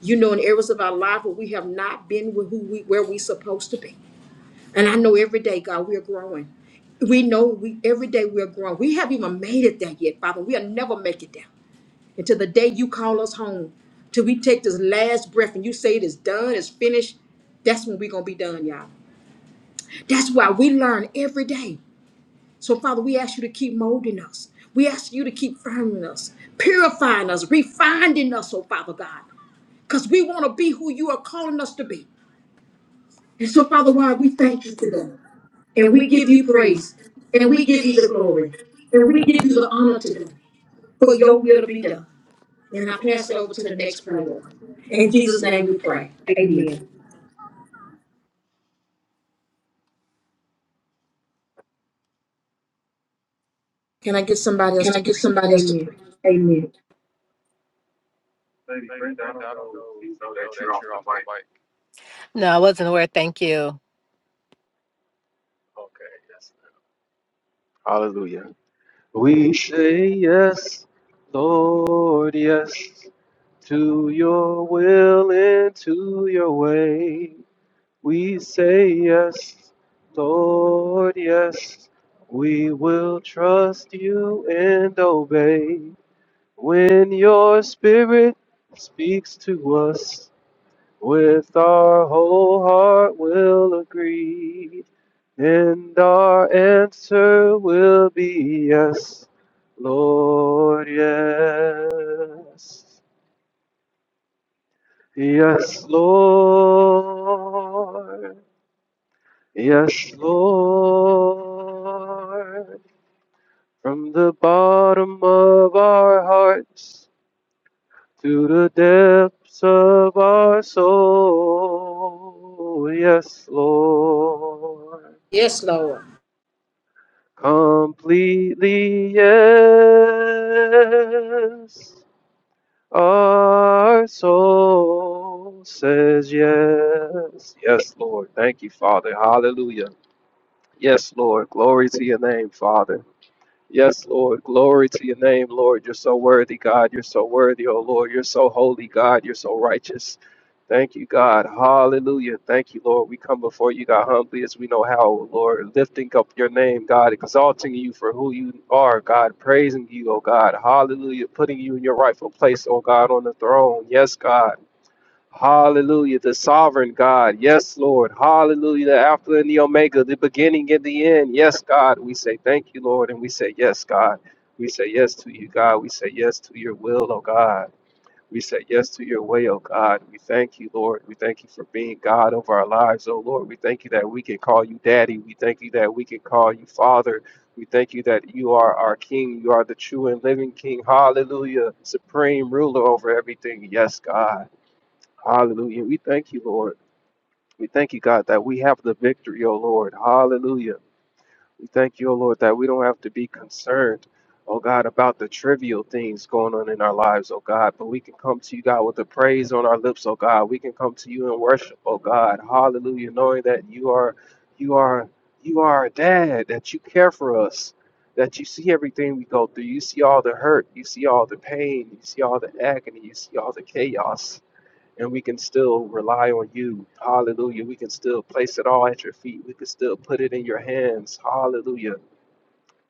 Speaker 2: You know in areas of our life where we have not been with who we where we supposed to be. And I know every day, God, we're growing. We know we every day we're growing. We haven't even made it there yet, Father. We'll never make it there until the day you call us home. Till we take this last breath and you say it is done, it's finished. That's when we're gonna be done, y'all. That's why we learn every day. So, Father, we ask you to keep molding us. We ask you to keep firming us, purifying us, refining us, oh Father God. Because we want to be who you are calling us to be.
Speaker 3: And
Speaker 2: And so,
Speaker 3: so, Father
Speaker 2: Father, why
Speaker 3: God, we
Speaker 2: we
Speaker 3: thank
Speaker 2: thank
Speaker 3: you
Speaker 2: you
Speaker 3: today.
Speaker 2: today.
Speaker 3: And
Speaker 2: And
Speaker 3: we
Speaker 2: we
Speaker 3: give
Speaker 2: give you
Speaker 3: you praise.
Speaker 2: praise.
Speaker 3: And
Speaker 2: And
Speaker 3: we
Speaker 2: we
Speaker 3: give
Speaker 2: give
Speaker 3: you
Speaker 2: you
Speaker 3: the
Speaker 2: the
Speaker 3: glory.
Speaker 2: glory.
Speaker 3: And
Speaker 2: And we
Speaker 3: we give
Speaker 2: give
Speaker 3: you
Speaker 2: you
Speaker 3: the
Speaker 2: the
Speaker 3: honor
Speaker 2: honor
Speaker 3: today
Speaker 2: today
Speaker 3: for
Speaker 2: for
Speaker 3: your
Speaker 2: your
Speaker 3: will
Speaker 2: will
Speaker 3: to
Speaker 2: to
Speaker 3: be
Speaker 2: be
Speaker 3: done.
Speaker 2: done.
Speaker 3: And
Speaker 2: And
Speaker 3: I
Speaker 2: I
Speaker 3: pass
Speaker 2: pass
Speaker 3: it
Speaker 2: it
Speaker 3: over
Speaker 2: over
Speaker 3: to
Speaker 2: to
Speaker 3: the
Speaker 2: the next
Speaker 3: next
Speaker 2: prayer
Speaker 3: prayer.
Speaker 2: warrior.
Speaker 3: In
Speaker 2: In
Speaker 3: Jesus'
Speaker 2: Jesus'
Speaker 3: name
Speaker 2: name
Speaker 3: we
Speaker 2: we
Speaker 3: pray.
Speaker 2: pray.
Speaker 3: Amen.
Speaker 2: Amen. Can I get somebody else
Speaker 3: Can
Speaker 2: to
Speaker 3: I get
Speaker 2: pray?
Speaker 3: somebody else to
Speaker 2: Amen.
Speaker 3: pray? Amen.
Speaker 4: Lady Brenda, I don't know if you know that you're off the mic.
Speaker 3: No, I wasn't aware. Thank you.
Speaker 4: Okay, yes. Hallelujah. We say yes, Lord, yes, to your will and to your way. We say yes, Lord, yes, we will trust you and obey. When your spirit speaks to us, with our whole heart we'll agree. And our answer will be yes, Lord, yes. Yes, Lord. Yes, Lord. From the bottom of our hearts to the depths of our soul. Yes, Lord.
Speaker 2: Yes, Lord.
Speaker 4: Completely yes. Our soul says yes. Yes, Lord. Thank you, Father. Hallelujah. Yes, Lord. Glory to your name, Father. Yes, Lord. Glory to your name, Lord. You're so worthy, God. You're so worthy, oh Lord. You're so holy, God. You're so righteous. Thank you, God. Hallelujah. Thank you, Lord. We come before you, God, humbly as we know how, oh Lord, lifting up your name, God, exalting you for who you are, God, praising you, oh God. Hallelujah. Putting you in your rightful place, oh God, on the throne. Yes, God. Hallelujah, the sovereign God. Yes, Lord. Hallelujah, the Alpha and the Omega, the beginning and the end. Yes, God. We say thank you, Lord, and we say yes, God. We say yes to you, God. We say yes to your will, oh God. We say yes to your way, oh God. We thank you, Lord. We thank you for being God over our lives, oh Lord. We thank you that we can call you Daddy. We thank you that we can call you Father. We thank you that you are our King. You are the true and living King. Hallelujah. Supreme ruler over everything. Yes, God. Hallelujah. We thank you, Lord. We thank you, God, that we have the victory, O Lord. Hallelujah. We thank you, O Lord, that we don't have to be concerned, oh God, about the trivial things going on in our lives, oh God. But we can come to you, God, with the praise on our lips, oh God. We can come to you in worship, oh God. Hallelujah. Knowing that you are you are you are our dad, that you care for us, that you see everything we go through. You see all the hurt, you see all the pain, you see all the agony, you see all the chaos and we can still rely on you. Hallelujah. We can still place it all at your feet. We can still put it in your hands. Hallelujah.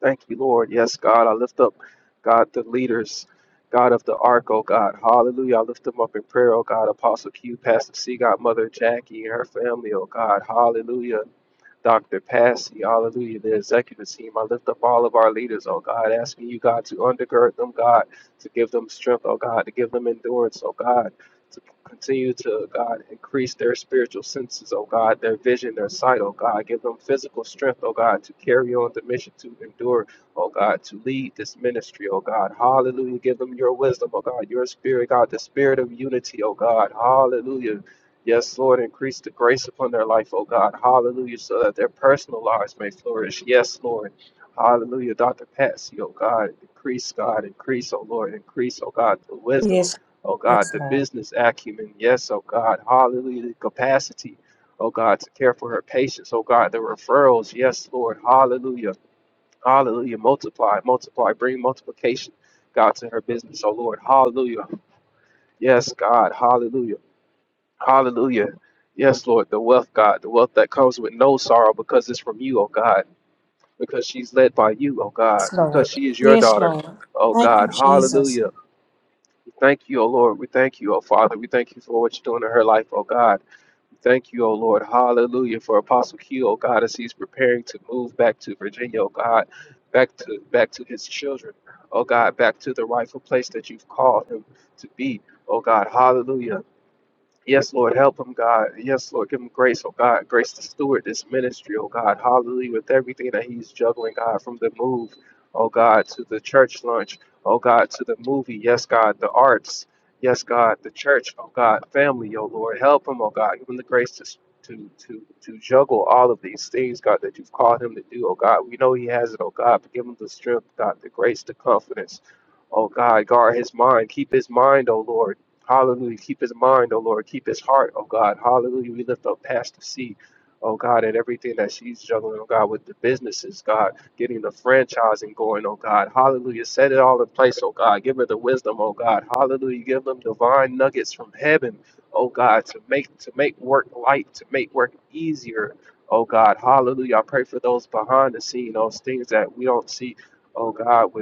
Speaker 4: Thank you, Lord. Yes, God. I lift up, God, the leaders, God of the ark, oh God. Hallelujah. I lift them up in prayer, oh God. Apostle Q, Pastor C, God, Mother Jackie, and her family, oh God. Hallelujah. Dr. Passy, hallelujah, the executive team. I lift up all of our leaders, oh God, asking you, God, to undergird them, God, to give them strength, oh God, to give them endurance, oh God, to continue to, God, increase their spiritual senses, oh God, their vision, their sight, oh God, give them physical strength, oh God, to carry on the mission, to endure, oh God, to lead this ministry, oh God, hallelujah, give them your wisdom, oh God, your spirit, God, the spirit of unity, oh God, hallelujah. Yes, Lord, increase the grace upon their life, oh God. Hallelujah, so that their personal lives may flourish. Yes, Lord. Hallelujah, Dr. Patsy, oh God. Increase, God. Increase, oh Lord. Increase, oh God, the wisdom,
Speaker 2: Yes,
Speaker 4: oh God,
Speaker 2: yes,
Speaker 4: the
Speaker 2: Lord.
Speaker 4: business acumen. Yes, oh God. Hallelujah, the capacity, oh God, to care for her patients, oh God, the referrals. Yes, Lord. Hallelujah. Hallelujah. Multiply, multiply. Bring multiplication, God, to her business, oh Lord. Hallelujah. Yes, God. Hallelujah. Hallelujah. Yes, Lord, the wealth, God, the wealth that comes with no sorrow because it's from you, oh God, because she's led by you, oh God,
Speaker 2: Yes, Lord.
Speaker 4: because she is your
Speaker 2: Yes,
Speaker 4: daughter,
Speaker 2: Lord.
Speaker 4: oh
Speaker 2: Thank you,
Speaker 4: God.
Speaker 2: Jesus.
Speaker 4: Hallelujah. We thank you, oh Lord. We thank you, oh Father. We thank you for what you're doing in her life, oh God. We Thank you, oh Lord. Hallelujah. For Apostle Q, oh God, as he's preparing to move back to Virginia, oh God, back to back to his children, oh God, back to the rightful place that you've called him to be, oh God. Hallelujah. Yes, Lord, help him, God. Yes, Lord, give him grace, oh God. Grace to steward this ministry, oh God. Hallelujah, with everything that he's juggling, God, from the move, oh God, to the church lunch, oh God, to the movie. Yes, God, the arts. Yes, God, the church, oh God, family, oh Lord. Help him, oh God. Give him the grace to. To, to, to juggle all of these things, God, that you've called him to do, oh God. We know he has it, oh God, but give him the strength, God, the grace, the confidence. Oh God, guard his mind. Keep his mind, oh Lord. Hallelujah. Keep his mind, oh Lord. Keep his heart, oh God. Hallelujah. We lift up Pastor C, oh God, and everything that she's juggling, oh God, with the businesses, God, getting the franchising going, oh God. Hallelujah. Set it all in place, oh God. Give her the wisdom, oh God. Hallelujah. Give them divine nuggets from heaven, oh God, to make to make work light, to make work easier. Oh God, hallelujah. I pray for those behind the scene, those things that we don't see, oh God, with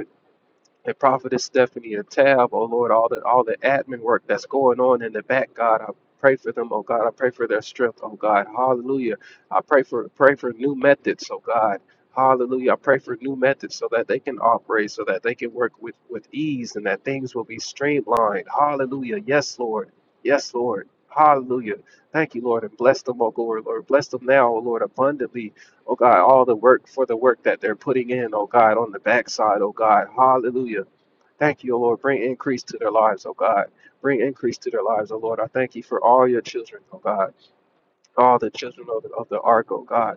Speaker 4: and Prophetess Stephanie and Tab, oh Lord, all the all the admin work that's going on in the back, God, I pray for them, oh God, I pray for their strength, oh God, hallelujah. I pray for pray for new methods, oh God. Hallelujah. I pray for new methods so that they can operate, so that they can work with, with ease and that things will be streamlined. Hallelujah. Yes, Lord. Yes, Lord. Hallelujah. Thank you, Lord, and bless them, oh Lord. Lord, bless them now, oh Lord, abundantly Oh God, all the work for the work that they're putting in, oh God, on the backside, oh God. Hallelujah. Thank you, O Lord. Bring increase to their lives, oh God. Bring increase to their lives, oh Lord. I thank you for all your children, oh God. All the children of the, of the ark, oh God.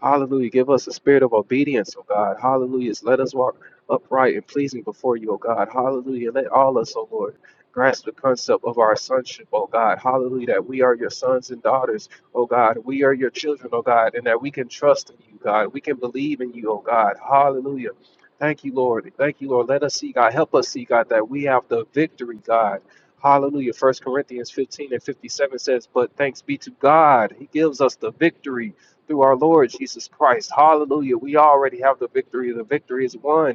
Speaker 4: Hallelujah. Give us a spirit of obedience, oh God. Hallelujah. Let us walk upright and pleasing before you, oh God. Hallelujah. Let all us, oh Lord, grasp the concept of our sonship, oh God. Hallelujah. That we are your sons and daughters, oh God. We are your children, oh God, and that we can trust in you, God. We can believe in you, oh God. Hallelujah. Thank you, Lord. Thank you, Lord. Let us see, God. Help us see, God, that we have the victory, God. Hallelujah. First Corinthians 15 and 57 says, But thanks be to God. He gives us the victory through our Lord Jesus Christ. Hallelujah. We already have the victory. The victory is won.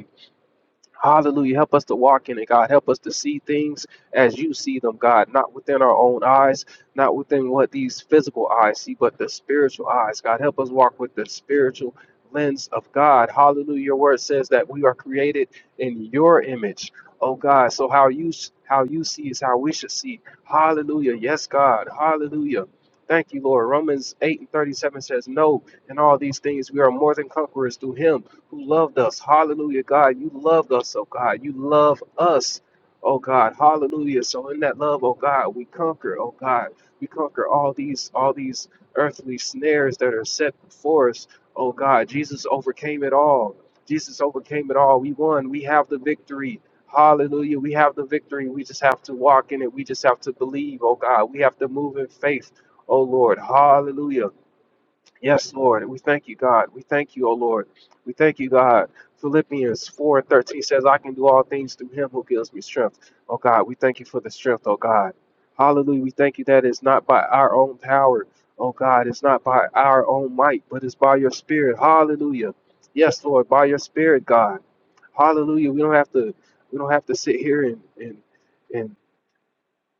Speaker 4: Hallelujah. Help us to walk in it, God. Help us to see things as you see them, God. Not within our own eyes, not within what these physical eyes see, but the spiritual eyes, God. Help us walk with the spiritual lens of God. Hallelujah. Your word says that we are created in your image. Oh God. So how you how you see is how we should see. Hallelujah. Yes, God. Hallelujah. Thank you, Lord. Romans 8 and 37 says, No, in all these things we are more than conquerors through him who loved us. Hallelujah, God. You loved us, oh God. You love us, oh God. Hallelujah. So in that love, oh God, we conquer, oh God. We conquer all these all these earthly snares that are set before us, oh God. Jesus overcame it all. Jesus overcame it all. We won. We have the victory. Hallelujah. We have the victory. We just have to walk in it. We just have to believe, oh God. We have to move in faith, oh Lord. Hallelujah. Yes, Lord. We thank you, God. We thank you, O Lord. We thank you, God. Philippians 4 and 13 says, I can do all things through him who gives me strength. Oh, God, we thank you for the strength, oh, God. Hallelujah. We thank you that it's not by our own power, oh, God. It's not by our own might, but it's by your spirit. Hallelujah. Yes, Lord, by your spirit, God. Hallelujah. We don't have to we don't have to sit here and and, and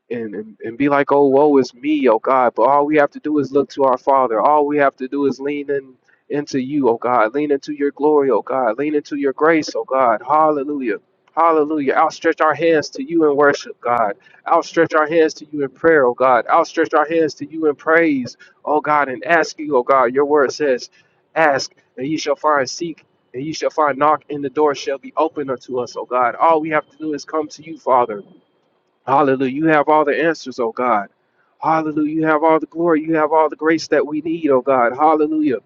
Speaker 4: and, and, and be like, oh, woe is me, oh God. But all we have to do is look to our Father. All we have to do is lean in into you, oh God. Lean into your glory, oh God. Lean into your grace, oh God. Hallelujah. Hallelujah. Outstretch our hands to you in worship, God. Outstretch our hands to you in prayer, oh God. Outstretch our hands to you in praise, oh God, and ask you, oh God. Your word says, ask, and ye shall find, seek, and ye shall find, knock, and the door shall be open unto us, oh God. All we have to do is come to you, Father. Hallelujah. You have all the answers, oh God. Hallelujah. You have all the glory. You have all the grace that we need, oh God. Hallelujah.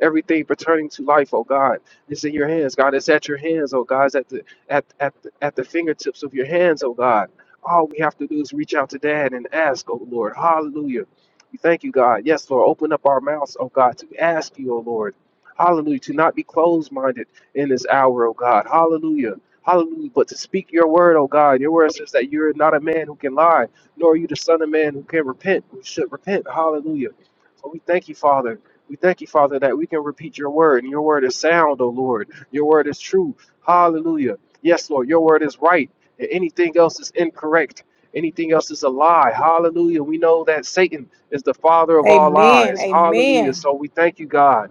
Speaker 4: Everything pertaining to life, oh God, is in your hands, God. It's at your hands, oh God. It's at the at at the, at the fingertips of your hands, oh God. All we have to do is reach out to Dad and ask, oh Lord. Hallelujah. We thank you, God. Yes, Lord. Open up our mouths, oh God, to ask you, oh Lord. Hallelujah. To not be closed minded in this hour, oh God. Hallelujah. Hallelujah. But to speak your word, O God, your word says that you're not a man who can lie, nor are you the son of man who can repent, who should repent. Hallelujah. So we thank you, Father. We thank you, Father, that we can repeat your word, and your word is sound, O Lord. Your word is true. Hallelujah. Yes, Lord, your word is right, and anything else is incorrect. Anything else is a lie. Hallelujah. We know that Satan is the father of all
Speaker 2: Amen.
Speaker 4: lies. Hallelujah.
Speaker 2: Amen.
Speaker 4: So we thank you, God.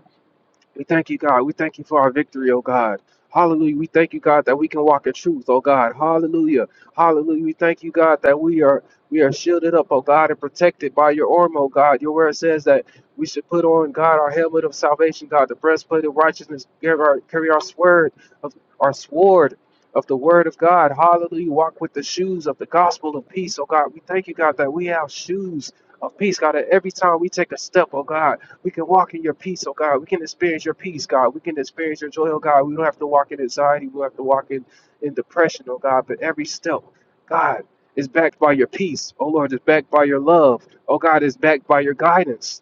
Speaker 4: We thank you, God. We thank you for our victory, oh God. Hallelujah. We thank you, God, that we can walk in truth, oh God. Hallelujah. Hallelujah. We thank you, God, that we are we are shielded up, oh God, and protected by your arm, oh God. Your word says that we should put on, God, our helmet of salvation, God, the breastplate of righteousness, carry our, carry our sword of our sword of the word of God. Hallelujah. Walk with the shoes of the gospel of peace, oh God. We thank you, God, that we have shoes of peace, God, that every time we take a step, oh God. We can walk in your peace, oh God. We can experience your peace, God. We can experience your joy, oh God. We don't have to walk in anxiety. We don't have to walk in, in depression, oh God. But every step, God, is backed by your peace. Oh Lord, is backed by your love. Oh God, is backed by your guidance.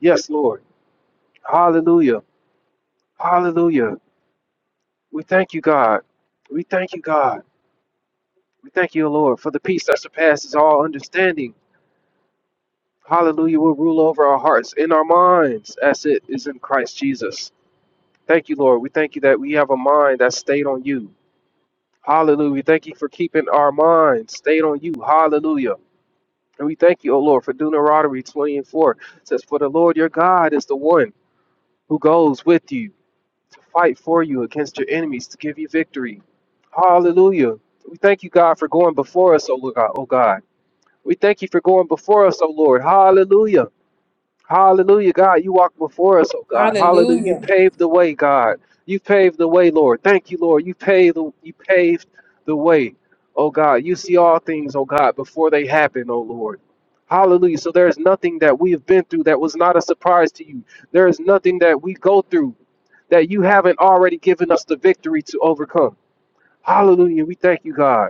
Speaker 4: Yes, Lord. Hallelujah. Hallelujah. We thank you, God. We thank you, God. We thank you, Lord, for the peace that surpasses all understanding. Hallelujah will rule over our hearts and our minds as it is in Christ Jesus. Thank you, Lord. We thank you that we have a mind that's stayed on you. Hallelujah. We thank you for keeping our mind stayed on you. Hallelujah. And we thank you, O Lord, for Deuteronomy 20 and 4. It says, For the Lord your God is the one who goes with you to fight for you against your enemies to give you victory. Hallelujah. We thank you, God, for going before us, O Lord God. Oh God. We thank you for going before us, O Lord. Hallelujah. Hallelujah, God. You walk before us, oh God. Hallelujah. You
Speaker 2: Hallelujah.
Speaker 4: paved the way, God. You paved the way, Lord. Thank you, Lord. You paved the, you paved the way, oh God. You see all things, oh God, before they happen, oh Lord. Hallelujah. So there is nothing that we have been through that was not a surprise to you. There is nothing that we go through that you haven't already given us the victory to overcome. Hallelujah. We thank you, God.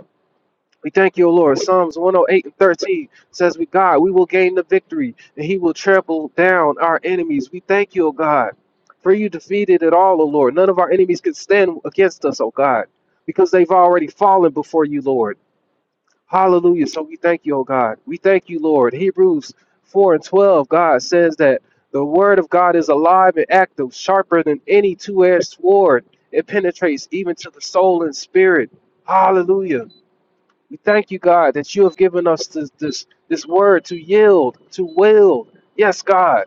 Speaker 4: We thank you, O Lord. Psalms 108 and 13 says, "With God, we will gain the victory, and He will trample down our enemies." We thank you, O God, for you defeated it all, O Lord. None of our enemies can stand against us, O God, because they've already fallen before you, Lord. Hallelujah. So we thank you, O God. We thank you, Lord. Hebrews 4 and 12, God says that the word of God is alive and active, sharper than any two-edged sword. It penetrates even to the soul and spirit. Hallelujah. We thank you, God, that you have given us this, this, this word to yield, to will. Yes, God.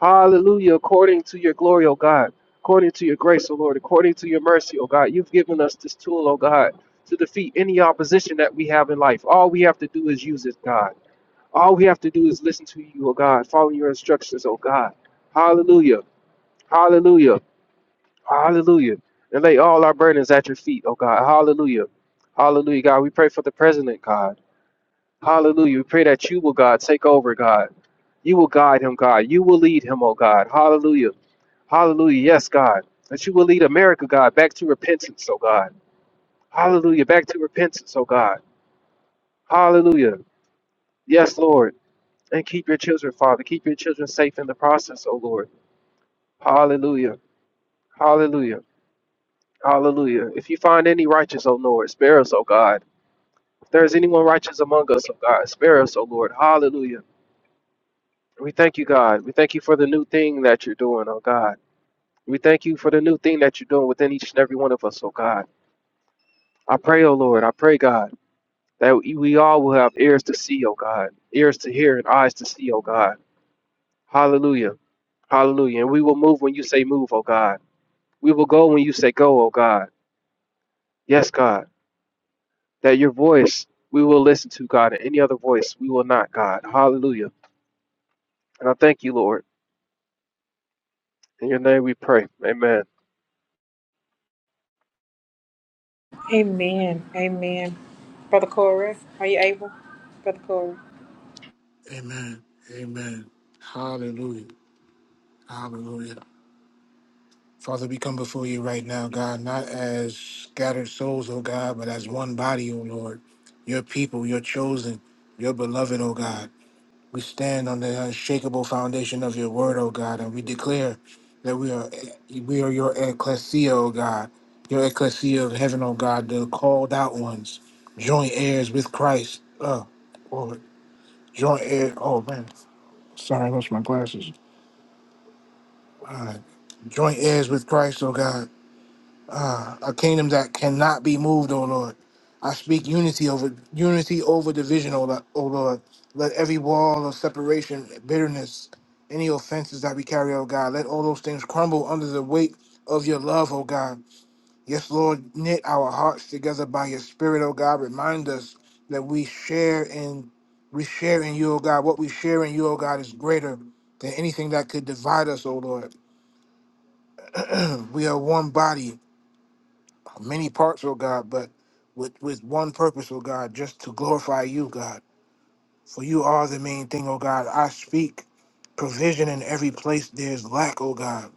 Speaker 4: Hallelujah. According to your glory, O God. According to your grace, O Lord. According to your mercy, O God. You've given us this tool, O God, to defeat any opposition that we have in life. All we have to do is use it, God. All we have to do is listen to you, O God. Follow your instructions, O God. Hallelujah. Hallelujah. Hallelujah. And lay all our burdens at your feet, O God. Hallelujah. Hallelujah, God. We pray for the president, God. Hallelujah. We pray that you will, God, take over, God. You will guide him, God. You will lead him, oh God. Hallelujah. Hallelujah. Yes, God. That you will lead America, God, back to repentance, oh God. Hallelujah. Back to repentance, oh God. Hallelujah. Yes, Lord. And keep your children, Father. Keep your children safe in the process, oh Lord. Hallelujah. Hallelujah. Hallelujah. If you find any righteous, oh Lord, spare us, oh God. If there is anyone righteous among us, oh God, spare us, oh Lord. Hallelujah. We thank you, God. We thank you for the new thing that you're doing, oh God. We thank you for the new thing that you're doing within each and every one of us, oh God. I pray, oh Lord, I pray, God, that we all will have ears to see, oh God, ears to hear and eyes to see, oh God. Hallelujah. Hallelujah. And we will move when you say move, oh God. We will go when you say go, oh God. Yes, God. That your voice we will listen to, God, and any other voice we will not, God. Hallelujah. And I thank you, Lord. In your name we pray. Amen.
Speaker 5: Amen. Amen. Hallelujah. Hallelujah. Father, we come before you right now, God, not as scattered souls, oh God, but as one body, oh Lord. Your people, your chosen, your beloved, oh God. We stand on the unshakable foundation of your word, oh God, and we declare that we are we are your ecclesia, oh God, your ecclesia of heaven, oh God, the called out ones, joint heirs with Christ. Oh, Lord, joint heir. Oh man, sorry, I lost my glasses. uh, joint heirs with Christ, oh God, uh, a kingdom that cannot be moved, oh Lord. I speak unity over unity over division, oh Lord. oh Lord. Let every wall of separation, bitterness, any offenses that we carry, oh God, let all those things crumble under the weight of your love, oh God. Yes, Lord, knit our hearts together by your spirit, oh God. Remind us that we share in we share in you, oh God. What we share in you, oh God, is greater than anything that could divide us, oh Lord. we are one body, many parts, oh God, but with, with one purpose, oh God, just to glorify you, God. For you are the main thing, oh God. I speak provision in every place there's lack, oh God.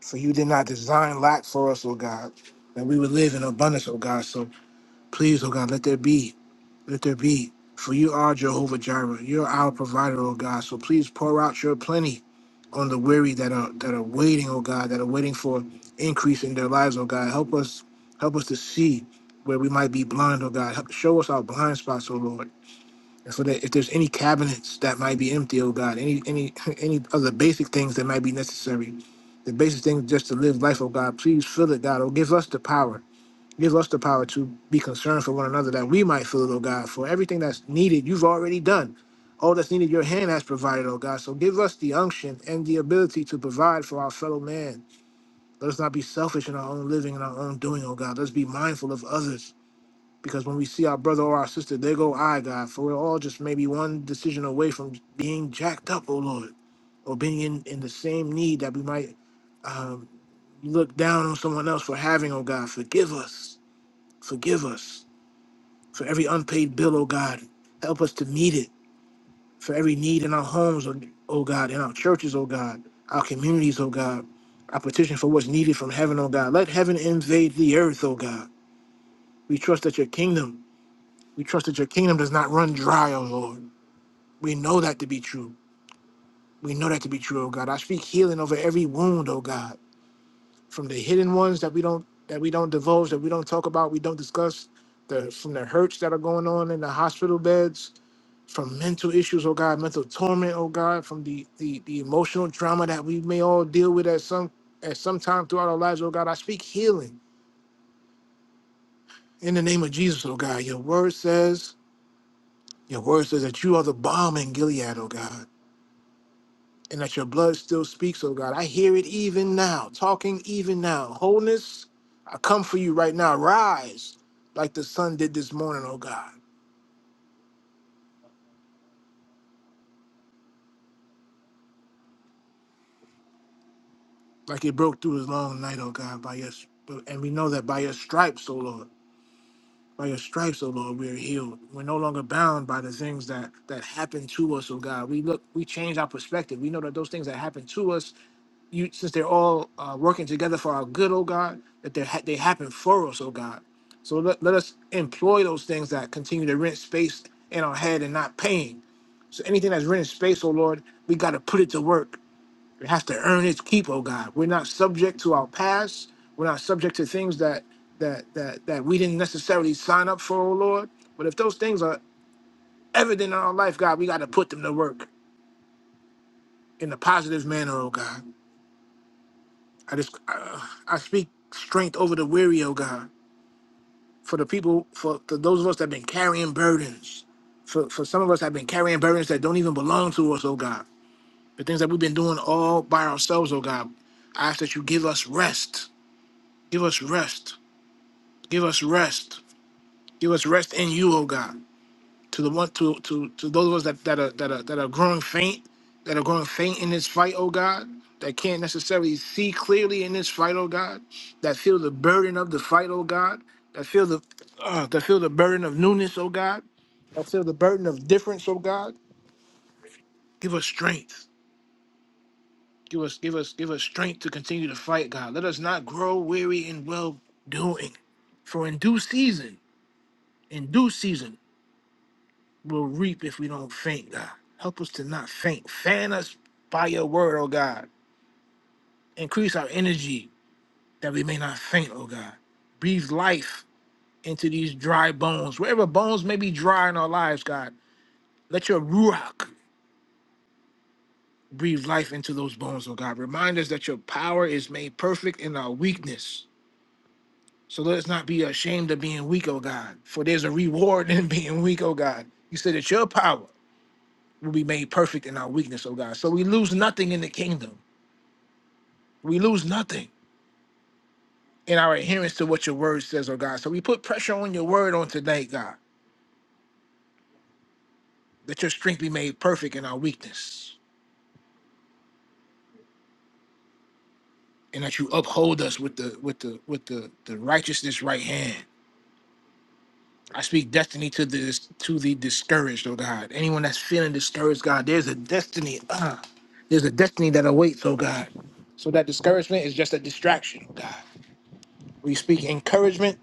Speaker 5: For you did not design lack for us, oh God, that we would live in abundance, oh God. So please, oh God, let there be let there be. For you are Jehovah Jireh. You're our provider, O God. So please pour out your plenty on the weary that are that are waiting, oh God, that are waiting for increase in their lives, oh God. Help us help us to see where we might be blind, oh God. Help, show us our blind spots, oh Lord. And so that if there's any cabinets that might be empty, oh God, any any any other basic things that might be necessary, the basic things just to live life, oh God, please fill it, God. Oh, give us the power Give us the power to be concerned for one another that we might feel it, oh God, for everything that's needed, you've already done. All that's needed, your hand has provided, oh God. So give us the unction and the ability to provide for our fellow man. Let us not be selfish in our own living and our own doing, oh God. Let's be mindful of others. Because when we see our brother or our sister, there go I, God, for we're all just maybe one decision away from being jacked up, oh Lord, or being in, in the same need that we might um, look down on someone else for having, oh God. Forgive us. Forgive us. For every unpaid bill, oh God, help us to meet it. For every need in our homes, oh oh God, in our churches, oh God, our communities, oh God. I petition for what's needed from heaven, oh God. Let heaven invade the earth, oh God. We trust that your kingdom, we trust that your kingdom does not run dry, oh Lord. We know that to be true. We know that to be true, oh God. I speak healing over every wound, oh God, from the hidden ones that we don't that we don't divulge, that we don't talk about, we don't discuss, the from the hurts that are going on in the hospital beds from mental issues, oh God, mental torment, oh God, from the, the the emotional trauma that we may all deal with at some at some time throughout our lives, oh God. I speak healing in the name of Jesus, oh God. Your word says, your word says that you are the balm in Gilead, oh God, and that your blood still speaks, oh God. I hear it even now, talking even now. Wholeness, I come for you right now. Rise like the sun did this morning, oh God. Like it broke through his long night, oh God, by your and we know that by your stripes, oh Lord. By your stripes, O Lord, we are healed. We're no longer bound by the things that that happen to us, O God. We look, we change our perspective. We know that those things that happen to us, you since they're all uh, working together for our good, O God, that they ha- they happen for us, O God. So let, let us employ those things that continue to rent space in our head and not paying. So anything that's renting space, O Lord, we got to put it to work we have to earn its keep, oh God. We're not subject to our past. We're not subject to things that that that that we didn't necessarily sign up for, oh Lord. But if those things are evident in our life, God, we got to put them to work in a positive manner, oh God. I just uh, I speak strength over the weary, oh God. For the people, for, for those of us that have been carrying burdens, for, for some of us that have been carrying burdens that don't even belong to us, oh God. The things that we've been doing all by ourselves, oh God. I ask that you give us rest. Give us rest Give us rest. Give us rest in you, oh God. To the one to to to those of us that, that are that are that are growing faint, that are growing faint in this fight, oh God, that can't necessarily see clearly in this fight, oh God, that feel the burden of the fight, oh God, that feel the uh, that feel the burden of newness, oh God, that feel the burden of difference, oh God. Give us strength. Give us give us give us strength to continue to fight, God. Let us not grow weary in well doing. For in due season, in due season will reap if we don't faint, God. Help us to not faint. Fan us by your word, oh God. Increase our energy that we may not faint, oh God. Breathe life into these dry bones. Wherever bones may be dry in our lives, God, let your ruach breathe life into those bones, oh God. Remind us that your power is made perfect in our weakness. So let us not be ashamed of being weak, oh God, for there's a reward in being weak, oh God. You said that your power will be made perfect in our weakness, oh God. So we lose nothing in the kingdom we lose nothing in our adherence to what your word says, oh God. So we put pressure on your word on tonight, God, that your strength be made perfect in our weakness, and that you uphold us with the with the with the the righteousness right hand. I speak destiny to this to the discouraged, oh God. Anyone that's feeling discouraged, God, there's a destiny. Uh, there's a destiny that awaits, oh God. So that discouragement is just a distraction, oh God. We speak encouragement,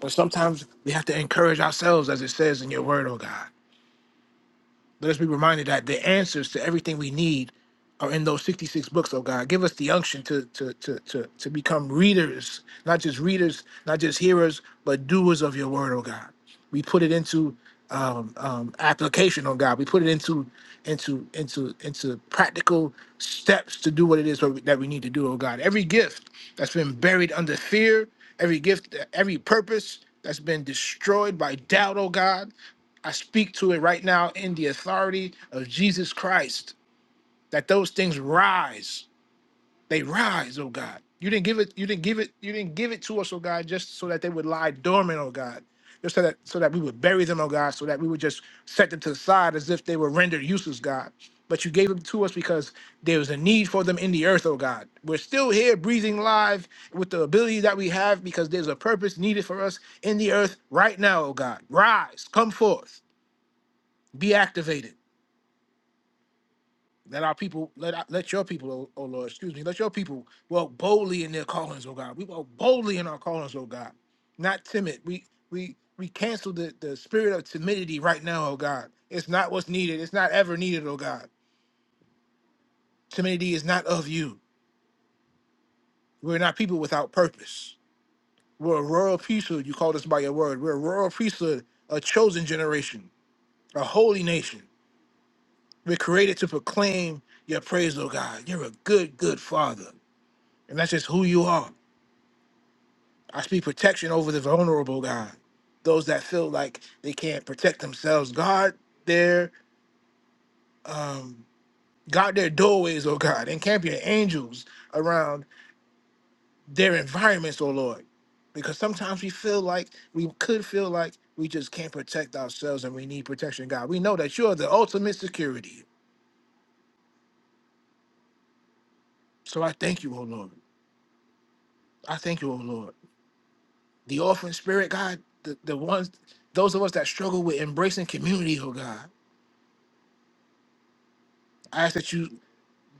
Speaker 5: but sometimes we have to encourage ourselves, as it says in your word, oh God. Let us be reminded that the answers to everything we need are in those 66 books, oh God. Give us the unction to to to to, to become readers, not just readers, not just hearers, but doers of your word, oh God. We put it into um, um, application, oh God. We put it into into into into practical steps to do what it is what we- that we need to do, oh God. Every gift that's been buried under fear, every gift, every purpose that's been destroyed by doubt, oh God. I speak to it right now in the authority of Jesus Christ that those things rise. They rise, oh God. You didn't give it, you didn't give it, you didn't give it to us, oh God, just so that they would lie dormant, oh God. Just so that so that we would bury them, oh God, so that we would just set them to the side as if they were rendered useless, God. But you gave them to us because there was a need for them in the earth, oh God. We're still here breathing live with the ability that we have because there's a purpose needed for us in the earth right now, oh God. Rise, come forth be activated. Let our people, let our- let your people, oh, oh Lord, excuse me, let your people walk boldly in their callings, oh God. We walk boldly in our callings, oh God. Not timid. We we we cancel the, the spirit of timidity right now, oh God. It's not what's needed. It's not ever needed, oh God. Timidity is not of you. We're not people without purpose. We're a royal priesthood. You called us by your word. We're a royal priesthood, a chosen generation, a holy nation. We're created to proclaim your praise, oh God. You're a good, good father. And that's just who you are. I speak protection over the vulnerable, God. Those that feel like they can't protect themselves. Guard their um guard their doorways, oh God, and camp your angels around their environments, oh Lord. Because sometimes we feel like we could feel like we just can't protect ourselves and we need protection, God. We know that you are the ultimate security. So I thank you, oh Lord. I thank you, oh Lord. The orphan spirit, God, the, the ones those of us that struggle with embracing community, oh God. I ask that you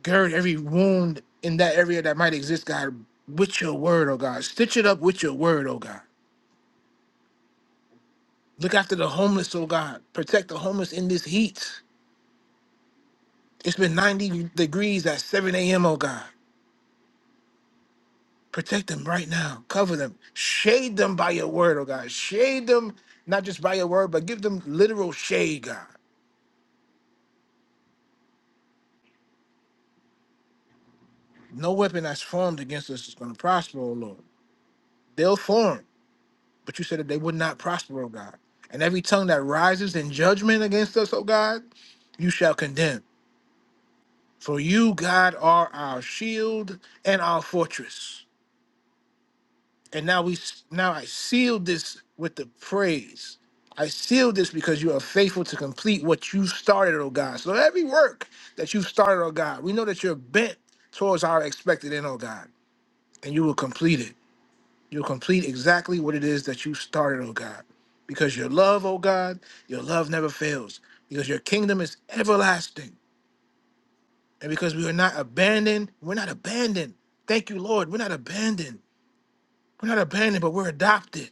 Speaker 5: gird every wound in that area that might exist, God, with your word, oh God. Stitch it up with your word, oh God. Look after the homeless, oh God. Protect the homeless in this heat. It's been 90 degrees at 7 a.m., oh God. Protect them right now. Cover them. Shade them by your word, oh God. Shade them not just by your word, but give them literal shade, God. No weapon that's formed against us is going to prosper, oh Lord. They'll form. But you said that they would not prosper, O God. And every tongue that rises in judgment against us, O God, you shall condemn. For you, God, are our shield and our fortress. And now we now I seal this with the praise. I seal this because you are faithful to complete what you started, O God. So every work that you've started, O God, we know that you're bent towards our expected end, O God, and you will complete it. You'll complete exactly what it is that you started, oh God. Because your love, oh God, your love never fails. Because your kingdom is everlasting. And because we are not abandoned, we're not abandoned. Thank you, Lord. We're not abandoned. We're not abandoned, but we're adopted.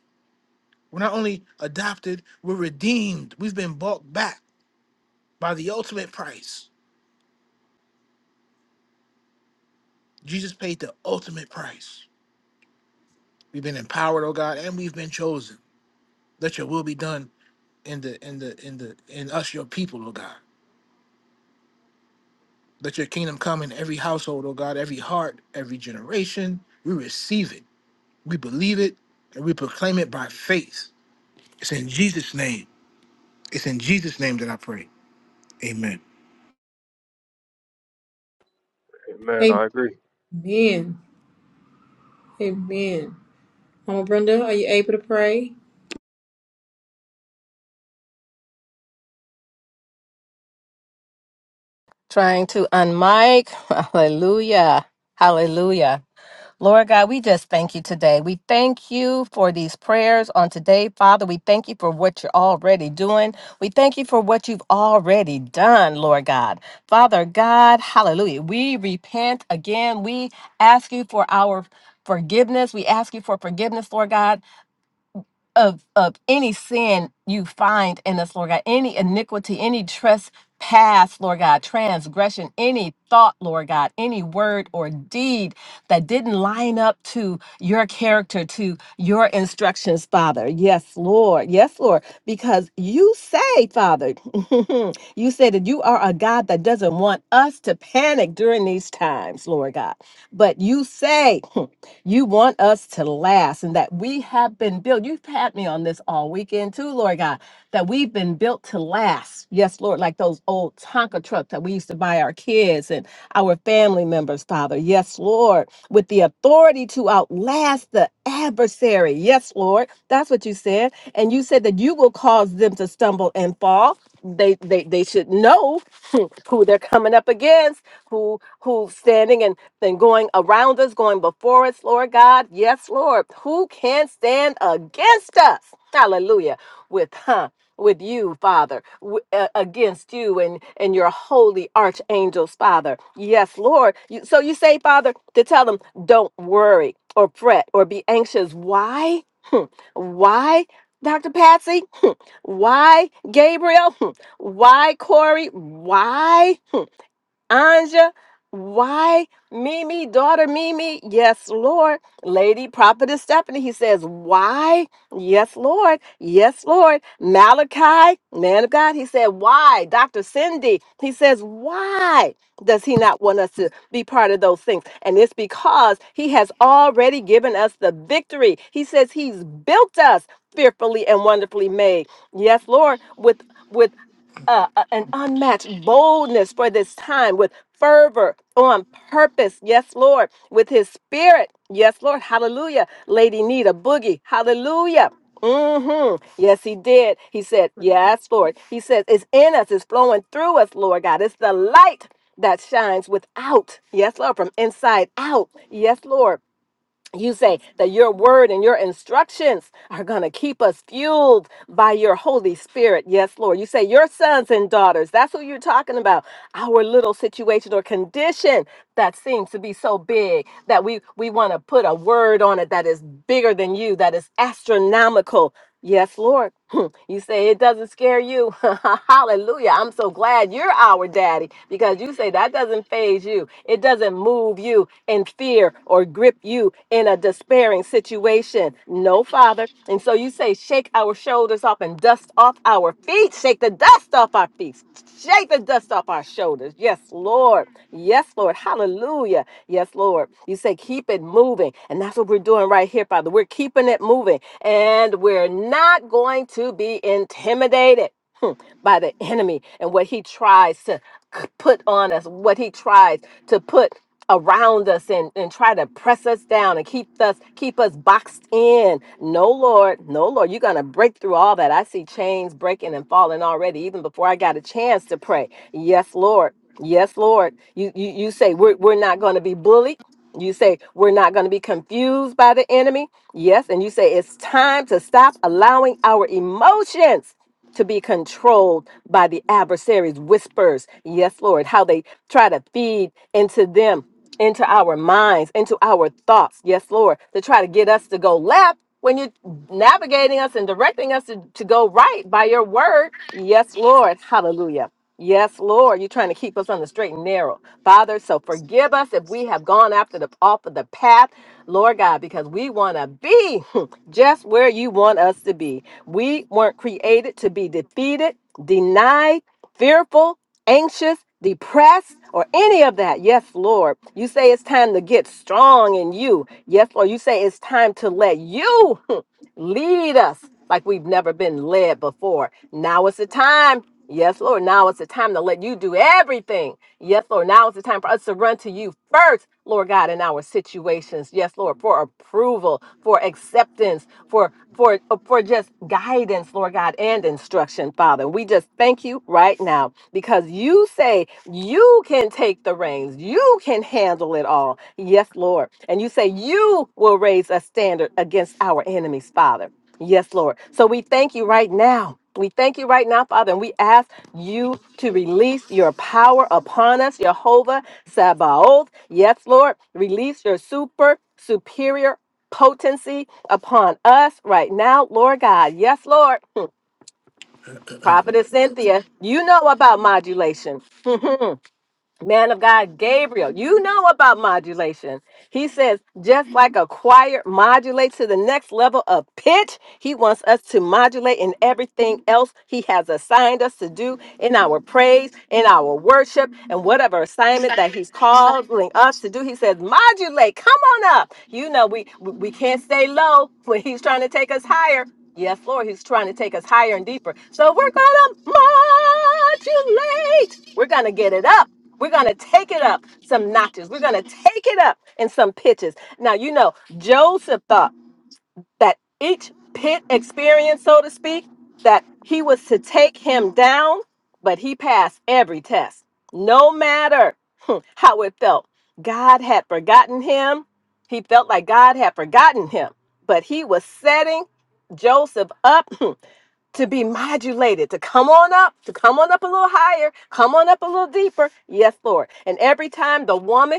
Speaker 5: We're not only adopted, we're redeemed. We've been bought back by the ultimate price. Jesus paid the ultimate price. We've been empowered, oh God, and we've been chosen. Let your will be done in the in the in the in us, your people, oh God. Let your kingdom come in every household, oh God, every heart, every generation. We receive it, we believe it, and we proclaim it by faith. It's in Jesus' name. It's in Jesus' name that I pray. Amen.
Speaker 4: Amen. I agree.
Speaker 2: Amen. Amen. Mama Brenda, are you able to pray?
Speaker 3: Trying to unmic. Hallelujah. Hallelujah. Lord God, we just thank you today. We thank you for these prayers on today, Father. We thank you for what you're already doing. We thank you for what you've already done, Lord God. Father God, hallelujah. We repent again. We ask you for our forgiveness. We ask you for forgiveness, Lord God of of any sin you find in us, Lord God, any iniquity, any trespass, Lord God, transgression, any thought, Lord God, any word or deed that didn't line up to your character, to your instructions, Father. Yes, Lord. Yes, Lord. Because you say, Father, you say that you are a God that doesn't want us to panic during these times, Lord God. But you say You want us to last and that we have been built. You've had me on this all weekend too, Lord God, that we've been built to last. Yes, Lord, like those old Tonka trucks that we used to buy our kids and our family members, Father. Yes, Lord, with the authority to outlast the adversary. Yes, Lord. That's what you said. And you said that you will cause them to stumble and fall. They they they should know who they're coming up against, who who's standing and been going around us, going before us, Lord God. Yes, Lord. Who can stand against us? Hallelujah. With huh, with you, Father, w- uh, against you and and your holy archangels, Father. Yes, Lord. You, so you say, Father, to tell them, don't worry or fret or be anxious. Why? Hmm. Why? Dr. Patsy? Why Gabriel? Hmm. Why Corey? Why? Anja, why Mimi, daughter Mimi? Yes, Lord. Lady Prophetess Stephanie, he says, why? Yes, Lord. Yes, Lord. Malachi, man of God, he said, why? Dr. Cindy, he says, why does he not want us to be part of those things? And it's because he has already given us the victory. He says he's built us fearfully and wonderfully made. Yes, Lord, with with uh, a- an unmatched boldness for this time with fervor on purpose. Yes, Lord. With his spirit. Yes, Lord. Hallelujah. Lady Nita Boogie. Hallelujah. hmm Yes, he did. He said, Yes, Lord. He says, It's in us, it's flowing through us, Lord God. It's the light that shines without. Yes, Lord. From inside out. Yes, Lord you say that your word and your instructions are going to keep us fueled by your Holy Spirit. Yes, Lord. You say your sons and daughters. That's what you're talking about. Our little situation or condition that seems to be so big that we, we want to put a word on it that is bigger than you, that is astronomical. Yes, Lord. You say it doesn't scare you. Hallelujah. I'm so glad you're our daddy because you say that doesn't phase you. It doesn't move you in fear or grip you in a despairing situation. No, Father. And so you say, shake our shoulders off and dust off our feet. Shake the dust off our feet. Shake the dust off our shoulders. Yes, Lord. Yes, Lord. Hallelujah. Yes, Lord. You say, keep it moving. And that's what we're doing right here, Father. We're keeping it moving and we're not going to be intimidated hmm, by the enemy and what he tries to c- put on us, what he tries to put around us and, and try to press us down and keep us keep us boxed in. No Lord, no Lord, you're gonna break through all that. I see chains breaking and falling already, even before I got a chance to pray. Yes, Lord. Yes, Lord. You you, you say we're we're not gonna be bullied. You say we're not going to be confused by the enemy. Yes, and you say it's time to stop allowing our emotions to be controlled by the adversary's whispers. Yes, Lord, how they try to feed into them, into our minds, into our thoughts. Yes, Lord, to try to get us to go left when you're navigating us and directing us to, to go right by your word. Yes, Lord. Hallelujah. Yes, Lord, you're trying to keep us on the straight and narrow. Father, so forgive us if we have gone after the off of the path Lord God, because we want to be just where you want us to be. We weren't created to be defeated, denied, fearful, anxious, depressed, or any of that. Yes, Lord. You say it's time to get strong in you. Yes, Lord. You say it's time to let you lead us like we've never been led before. Now it's the time. Yes, Lord. Now it's the time to let you do everything. Yes, Lord. Now is the time for us to run to you first, Lord God, in our situations. Yes, Lord, for approval, for acceptance, for for uh, for just guidance, Lord God, and instruction, Father. We just thank you right now because you say you can take the reins. You can handle it all. Yes, Lord. And you say you will raise a standard against our enemies, Father. Yes, Lord. So we thank you right now. We thank you right now, Father, and we ask you to release your power upon us, Jehovah Sabaoth. Yes, Lord, release your super, superior potency upon us right now, Lord God. Yes, Lord. Prophetess Cynthia, you know about modulation. man of God Gabriel, you know about modulation. He says, just like a choir modulates to the next level of pitch, he wants us to modulate in everything else he has assigned us to do in our praise, in our worship, and whatever assignment that he's calling us to do. He says, modulate, come on up. You know, we we we can't stay low when he's trying to take us higher. Yes, Lord, he's trying to take us higher and deeper. So we're going to modulate. We're going to get it up. We're going to take it up some notches. We're going to take it up in some pitches. Now, you know, Joseph thought that each pit experience, so to speak, that he was to take him down, but he passed every test, no matter hmm, how it felt. God had forgotten him. He felt like God had forgotten him, but he was setting Joseph up to be modulated, to come on up, to come on up a little higher, come on up a little deeper. Yes, Lord. And every time the woman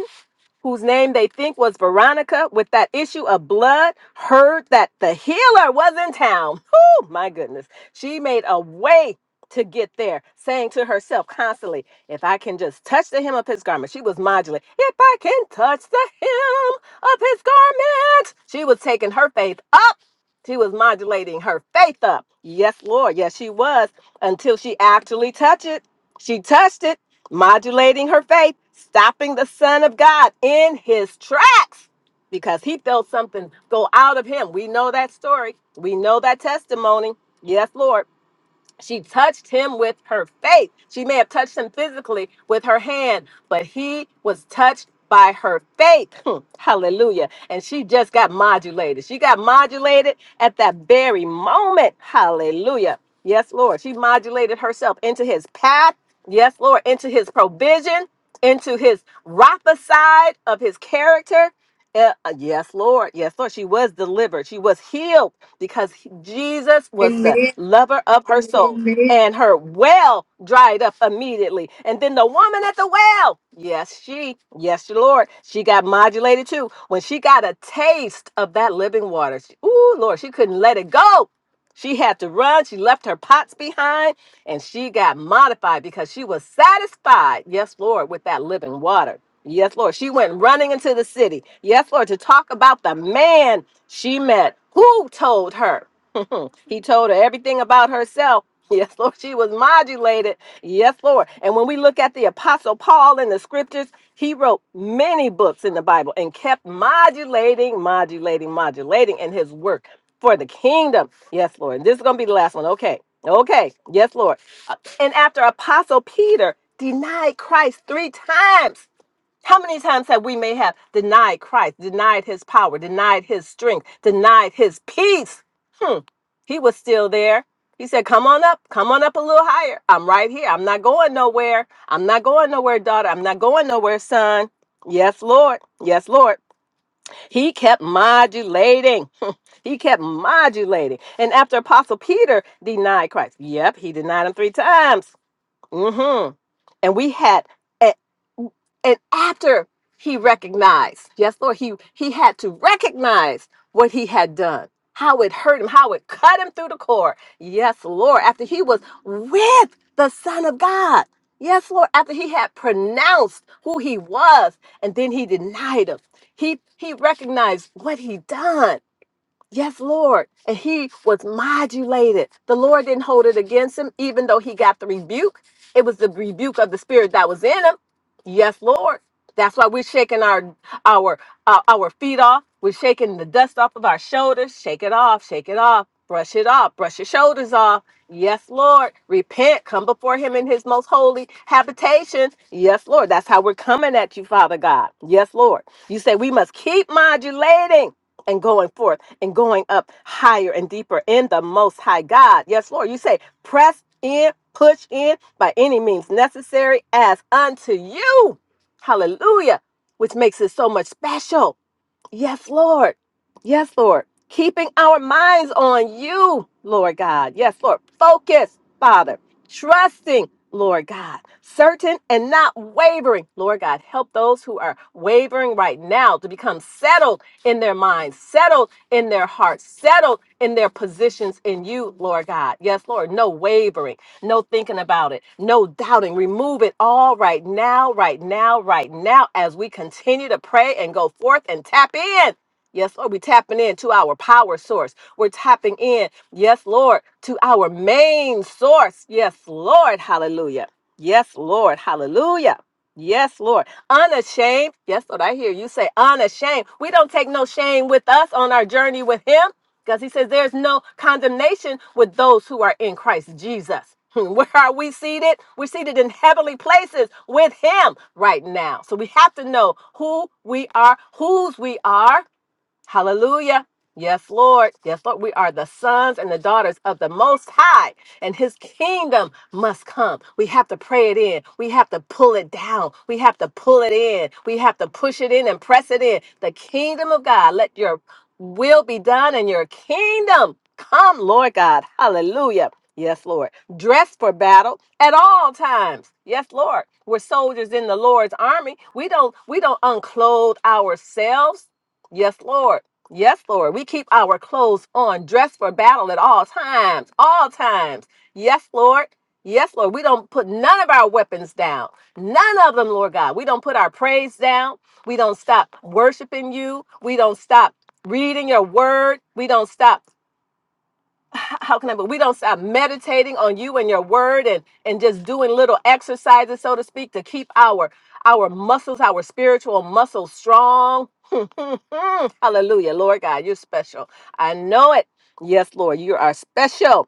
Speaker 3: whose name they think was Veronica, with that issue of blood, heard that the healer was in town. Oh, my goodness. She made a way to get there, saying to herself constantly, If I can just touch the hem of his garment, she was modulating. If I can touch the hem of his garment, she was taking her faith up. She was modulating her faith up. Yes, Lord. Yes, she was until she actually touched it. She touched it modulating her faith, stopping the Son of God in his tracks because he felt something go out of him. We know that story, we know that testimony. Yes, Lord. She touched him with her faith. She may have touched him physically with her hand, but he was touched by her faith. Hmm. Hallelujah. And she just got modulated. She got modulated at that very moment. Hallelujah. Yes, Lord. She modulated herself into his path. Yes, Lord. Into his provision, into his prophesied of his character. Yeah, uh, yes, Lord. Yes, Lord. She was delivered. She was healed because he- Jesus was the
Speaker 2: Amen.
Speaker 3: lover of her soul. And her well dried up immediately. And then the woman at the well, yes, she, yes, your Lord, she got modulated too. When she got a taste of that living water, she, ooh, Lord, she couldn't let it go. She had to run. She left her pots behind and she got modified because she was satisfied, yes, Lord, with that living water. Yes, Lord. She went running into the city. Yes, Lord, to talk about the man she met who told her. he told her everything about herself. Yes, Lord. She was modulated. Yes, Lord. And when we look at the Apostle Paul in the scriptures, he wrote many books in the Bible and kept modulating, modulating, modulating in his work for the kingdom. Yes, Lord. And this is going to be the last one. Okay. Okay. Yes, Lord. Uh, And after Apostle Peter denied Christ three times, how many times have we may have denied Christ, denied his power, denied his strength, denied his peace? Hmm. He was still there. He said, Come on up, come on up a little higher. I'm right here. I'm not going nowhere. I'm not going nowhere, daughter. I'm not going nowhere, son. Yes, Lord. Yes, Lord. He kept modulating. he kept modulating. And after Apostle Peter denied Christ, yep, he denied him three times. hmm And we had, and after he recognized, yes, Lord, he, he had to recognize what he had done, how it hurt him, how it cut him through the core. Yes, Lord, after he was with the Son of God. Yes, Lord, after he had pronounced who he was, and then he denied him. He he recognized what he done. Yes, Lord. And he was modulated. The Lord didn't hold it against him, even though he got the rebuke. It was the rebuke of the spirit that was in him. Yes, Lord. That's why we're shaking our our uh, our feet off. We're shaking the dust off of our shoulders. Shake it off. Shake it off. Brush it off. Brush your shoulders off. Yes, Lord. Repent. Come before Him in His most holy habitation. Yes, Lord. That's how we're coming at you, Father God. Yes, Lord. You say we must keep modulating and going forth and going up higher and deeper in the most high God. Yes, Lord, you say, press in, push in by any means necessary as unto you. Hallelujah, which makes it so much special. Yes, Lord. Yes, Lord. Keeping our minds on you, Lord God. Yes, Lord. Focus, Father. Trusting, Lord God. Certain and not wavering. Lord God, help those who are wavering right now to become settled in their minds, settled in their hearts, settled in their positions in you, Lord God. Yes, Lord. No wavering, no thinking about it. No doubting. Remove it all right now, right now, right now as we continue to pray and go forth and tap in. Yes, Lord, we are tapping in to our power source. We're tapping in, yes, Lord, to our main source. Yes, Lord, hallelujah. Yes, Lord, hallelujah. Yes, Lord. Unashamed. Yes, Lord, I hear you say unashamed. We don't take no shame with us on our journey with Him. Because he says there's no condemnation with those who are in Christ Jesus. Where are we seated? We're seated in heavenly places with him right now. So we have to know who we are, whose we are, Hallelujah. Yes, Lord. Yes, Lord. We are the sons and the daughters of the Most High, and His kingdom must come. We have to pray it in. We have to pull it down. We have to pull it in. We have to push it in and press it in. The kingdom of God, let your will be done and your kingdom come, Lord God. Hallelujah. Yes, Lord. Dress for battle at all times. Yes, Lord. We're soldiers in the Lord's army. We don't we don't unclothe ourselves. Yes, Lord. Yes, Lord. We keep our clothes on, dressed for battle at all times, all times. Yes, Lord. Yes, Lord. We don't put none of our weapons down. None of them, Lord God. We don't put our praise down. We don't stop worshiping you. We don't stop reading your word. We don't stop h- how can I, but we don't stop meditating on you and your word and, and just doing little exercises, so to speak, to keep our, our muscles, our spiritual muscles strong. Hallelujah. Lord God, you're special. I know it. Yes, Lord, you are special.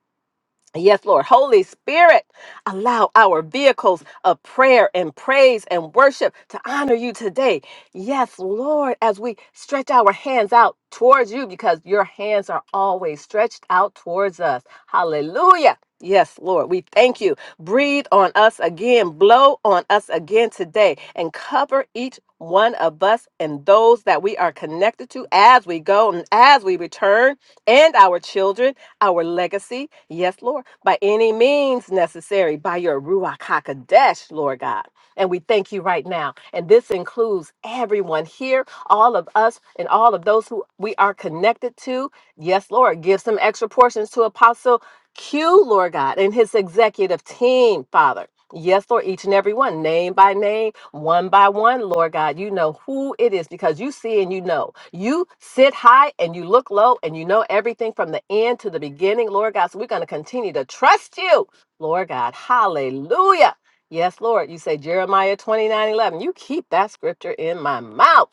Speaker 3: Yes, Lord. Holy Spirit, allow our vehicles of prayer and praise and worship to honor you today. Yes, Lord, as we stretch our hands out towards you, because your hands are always stretched out towards us. Hallelujah. Yes, Lord, we thank you. Breathe on us again, blow on us again today, and cover each one of us and those that we are connected to as we go and as we return, and our children our legacy, yes, Lord, by any means necessary, by your Ruach HaKodesh, Lord God. And we thank you right now. And this includes everyone here, all of us, and all of those who we are connected to. Yes, Lord, give some extra portions to Apostle Q, Lord God, and his executive team, Father. Yes, Lord, each and every one, name by name, one by one, Lord God, you know who it is because you see and you know. You sit high and you look low and you know everything from the end to the beginning, Lord God. So we're going to continue to trust you, Lord God. Hallelujah. Yes, Lord, you say Jeremiah 29 11. You keep that scripture in my mouth.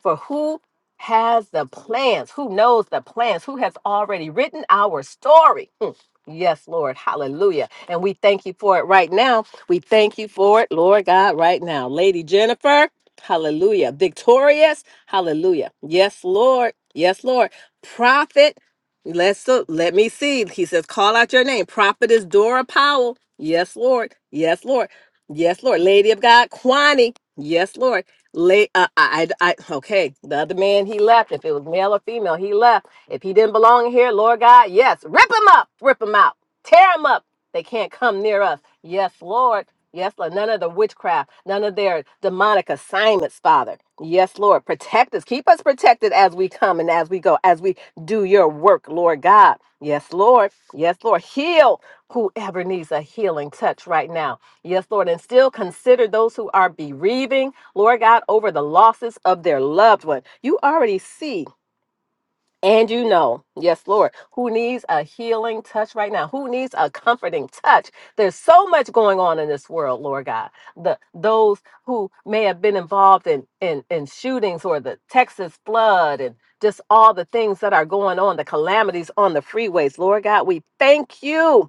Speaker 3: For who has the plans? Who knows the plans? Who has already written our story? Hmm. Yes, Lord. Hallelujah. And we thank you for it right now. We thank you for it, Lord God, right now. Lady Jennifer, hallelujah. Victorious, hallelujah. Yes, Lord. Yes, Lord. Prophet, let's look. let me see. He says, call out your name. Prophet is Dora Powell. Yes, Lord. Yes, Lord. Yes, Lord. Lady of God, Kwani. Yes, Lord. Lay, uh, I, I, I- okay. The other man, he left. If it was male or female, he left. If he didn't belong here, Lord God, yes, rip him up, rip him out, tear him up, they can't come near us. Yes, Lord. Yes, Lord. None of the witchcraft, none of their demonic assignments, Father. Yes, Lord. Protect us. Keep us protected as we come and as we go, as we do your work, Lord God. Yes, Lord. Yes, Lord. Heal whoever needs a healing touch right now. Yes, Lord. And still consider those who are bereaving, Lord God, over the losses of their loved one. You already see and you know, yes, Lord, who needs a healing touch right now? Who needs a comforting touch? There's so much going on in this world, Lord God. The those who may have been involved in in, in shootings or the Texas flood and just all the things that are going on, the calamities on the freeways, Lord God, we thank you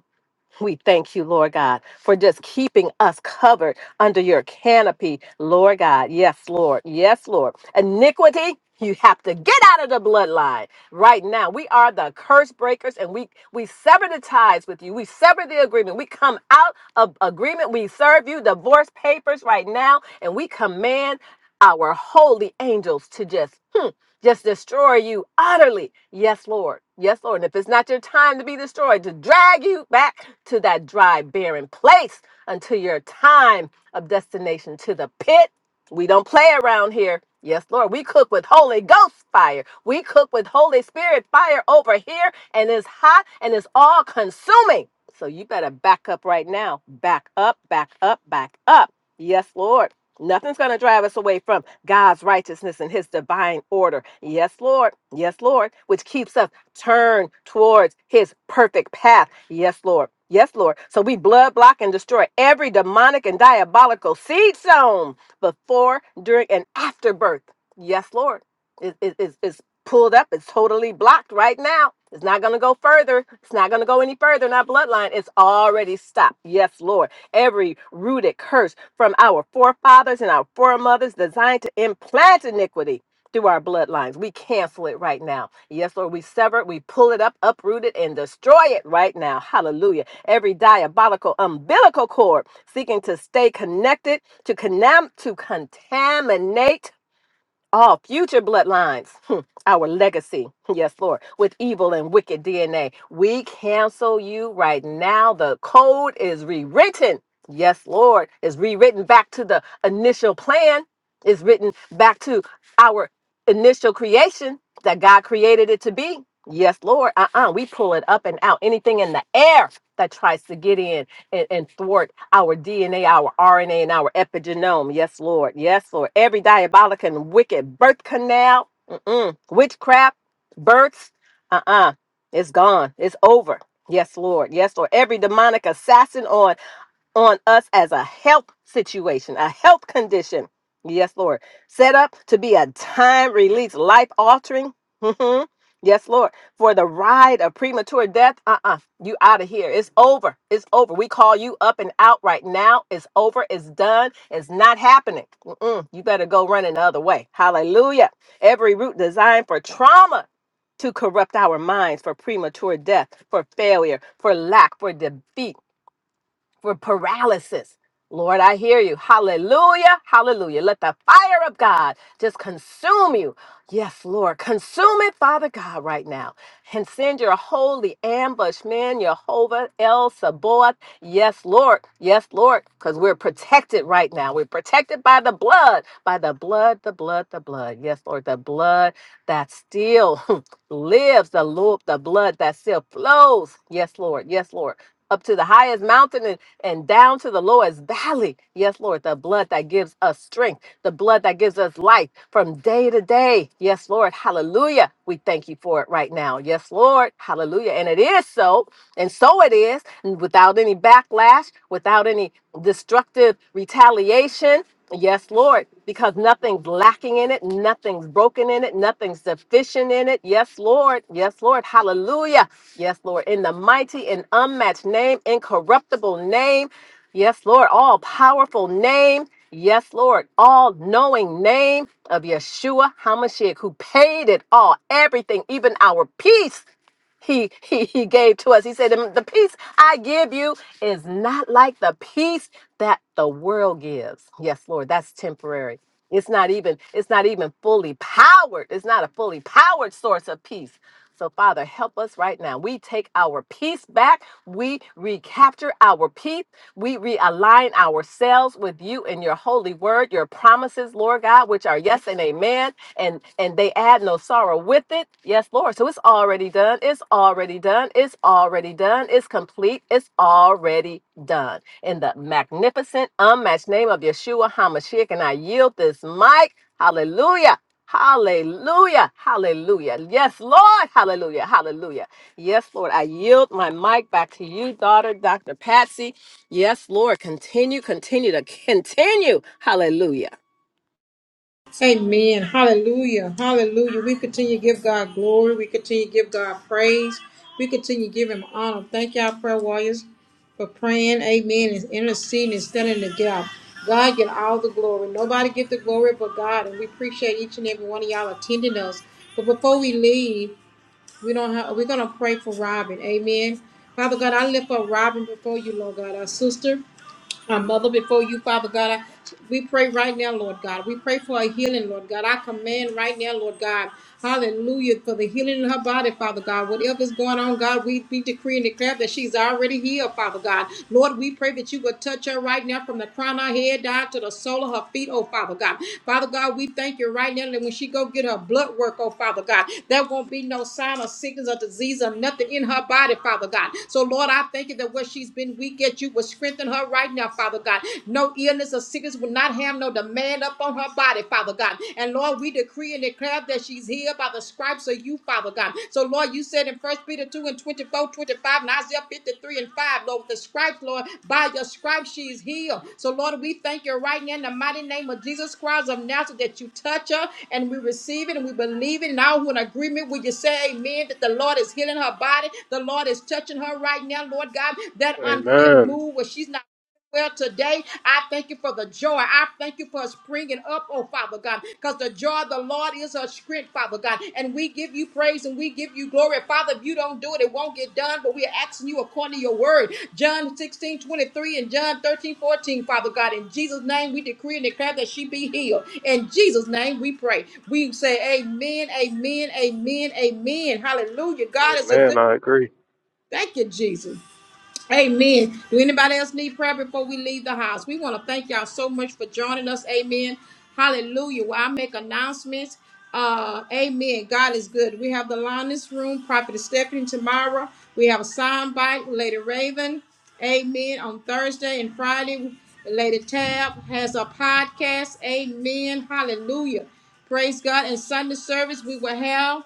Speaker 3: we thank you, Lord God, for just keeping us covered under your canopy, Lord God. Yes, Lord. Yes, Lord. Iniquity, you have to get out of the bloodline right now. We are the curse breakers and we we sever the ties with you. We sever the agreement. We come out of agreement. We serve you divorce papers right now and we command our holy angels to just hmm, just destroy you utterly. Yes, Lord. Yes, Lord. And if it's not your time to be destroyed, to drag you back to that dry, barren place until your time of destination to the pit. We don't play around here. Yes, Lord. We cook with Holy Ghost fire. We cook with Holy Spirit fire over here, and it's hot and it's all consuming. So you better back up right now. Back up, back up, back up. Yes, Lord. Nothing's going to drive us away from God's righteousness and his divine order. Yes, Lord. Yes, Lord. Which keeps us turned towards his perfect path. Yes, Lord. Yes, Lord. So we blood block and destroy every demonic and diabolical seed sown before, during, and after birth. Yes, Lord. It, it- it's, it's pulled up. It's totally blocked right now. It's not going to go further. It's not going to go any further in our bloodline. It's already stopped. Yes, Lord every rooted curse from our forefathers and our foremothers designed to implant iniquity through our bloodlines. We cancel it right now. Yes, Lord, we sever it, we pull it up, uproot it, and destroy it right now. Hallelujah. Every diabolical umbilical cord seeking to stay connected, to, conam- to contaminate all future bloodlines, hmm, our legacy, yes, Lord, with evil and wicked DNA. We cancel you right now. The code is rewritten. Yes, Lord, is rewritten back to the initial plan, is written back to our initial creation that God created it to be. Yes, Lord. Uh uh We pull it up and out. Anything in the air that tries to get in and, and thwart our DNA, our RNA, and our epigenome. Yes, Lord. Yes, Lord. Every diabolic and wicked birth canal, mm-mm, witchcraft, births, uh uh-uh, uh, it's gone. It's over. Yes, Lord. Yes, Lord. Every demonic assassin on on us as a health situation, a health condition. Yes, Lord. Set up to be a time release, life altering. Mhm. yes, Lord. For the ride of premature death, uh uh you out of here. It's over. It's over. We call you up and out right now. It's over. It's done. It's not happening. Mm-mm. You better go running the other way. Hallelujah. Every route designed for trauma to corrupt our minds for premature death, for failure, for lack, for defeat for paralysis. Lord, I hear you. Hallelujah. Hallelujah. Let the fire of God just consume you. Yes, Lord. Consume it, Father God, right now. And send your holy ambush, man, Jehovah El Sabaoth. Yes, Lord. Yes, Lord. Because we're protected right now. We're protected by the blood, by the blood, the blood, the blood. Yes, Lord. The blood that still lives, the, lo- the blood that still flows. Yes, Lord. Yes, Lord up to the highest mountain and down to the lowest valley. Yes, Lord, the blood that gives us strength, the blood that gives us life from day to day. Yes, Lord, hallelujah. We thank you for it right now. Yes, Lord, hallelujah. And it is so, and so it is, and without any backlash, without any destructive retaliation Yes, Lord, because nothing's lacking in it, nothing's broken in it, nothing's deficient in it. Yes, Lord. Yes, Lord. Hallelujah. Yes, Lord. In the mighty and unmatched name, incorruptible name. Yes, Lord. All powerful name. Yes, Lord. All knowing name of Yeshua HaMashiach, who paid it all, everything, even our peace he, he, he gave to us. He said, The the peace I give you is not like the peace that the world gives. Yes, Lord, that's temporary. It's not even, it's not even fully powered. It's not a fully powered source of peace. So, Father, help us right now. We take our peace back. We recapture our peace. We realign ourselves with you and your holy word, your promises, Lord God, which are yes and amen and and they add no sorrow with it. Yes, Lord. So it's already done. It's already done. It's already done. It's complete. It's already done. In the magnificent, unmatched name of Yeshua Hamashiach, and I yield this mic. Hallelujah. Hallelujah. Hallelujah. Yes, Lord. Hallelujah. Hallelujah. Yes, Lord. I yield my mic back to you, daughter, Dr. Patsy. Yes, Lord. Continue, continue to continue. Hallelujah.
Speaker 2: Amen. Hallelujah. Hallelujah. We continue to give God glory. We continue to give God praise. We continue to give Him honor. Thank y'all, prayer warriors, for praying. Amen. And interceding and standing in the gap. God get all the glory. Nobody get the glory but God. And we appreciate each and every one of y'all attending us. But before we leave, we don't have we're gonna pray for Robin. Amen. Father God, I lift up Robin before you, Lord God, our sister our mother before you, Father God. I, we pray right now, Lord God. We pray for a healing, Lord God. I command right now, Lord God. Hallelujah. For the healing in her body, Father God. Whatever's going on, God, we, we decree and declare that she's already healed, Father God. Lord, we pray that you would touch her right now from the crown of her head down to the sole of her feet, oh Father God. Father God, we thank you right now that when she go get her blood work, oh Father God, there won't be no sign of sickness or disease or nothing in her body, Father God. So Lord, I thank you that what she's been weak at, you will strengthen her right right now, Father God. No illness or sickness will not have no demand upon her body, Father God. And Lord, we decree and declare that she's healed by the stripes of you, Father God. So, Lord, you said in 1 Peter 2 and 24, 25, and Isaiah 53 and 5, Lord, with the stripes, Lord, by your stripes she is healed. So, Lord, we thank you right now in the mighty name of Jesus Christ of Nazareth that you touch her and we receive it and we believe it. And all who in agreement with you say amen that the Lord is healing her body. The Lord is touching her right now, Lord God. That unfit
Speaker 4: Amen.
Speaker 2: move where she's not. Well, today, I thank you for the joy. I thank you for springing up, oh Father God, because the joy of the Lord is our strength, Father God. And we give you praise and we give you glory. Father, if you don't do it, it won't get done, but we are asking you according to your word. John 16 23 and John 13 14, Father God. In Jesus' name, we decree and declare that she be healed. In Jesus' name, we pray. We say, Amen, amen, amen, amen. Hallelujah. God is a good.
Speaker 4: Man, I agree.
Speaker 2: Thank you, Jesus. Amen. Do anybody else need prayer before we leave the house? We want to thank y'all so much for joining us. Amen. Hallelujah. While I make announcements, uh, amen. God is good. We have the lioness Room, Prophet Stephanie tomorrow. We have a sound bite, Lady Raven. Amen. On Thursday and Friday, Lady Tab has a podcast. Amen. Hallelujah. Praise God. And Sunday service, we will have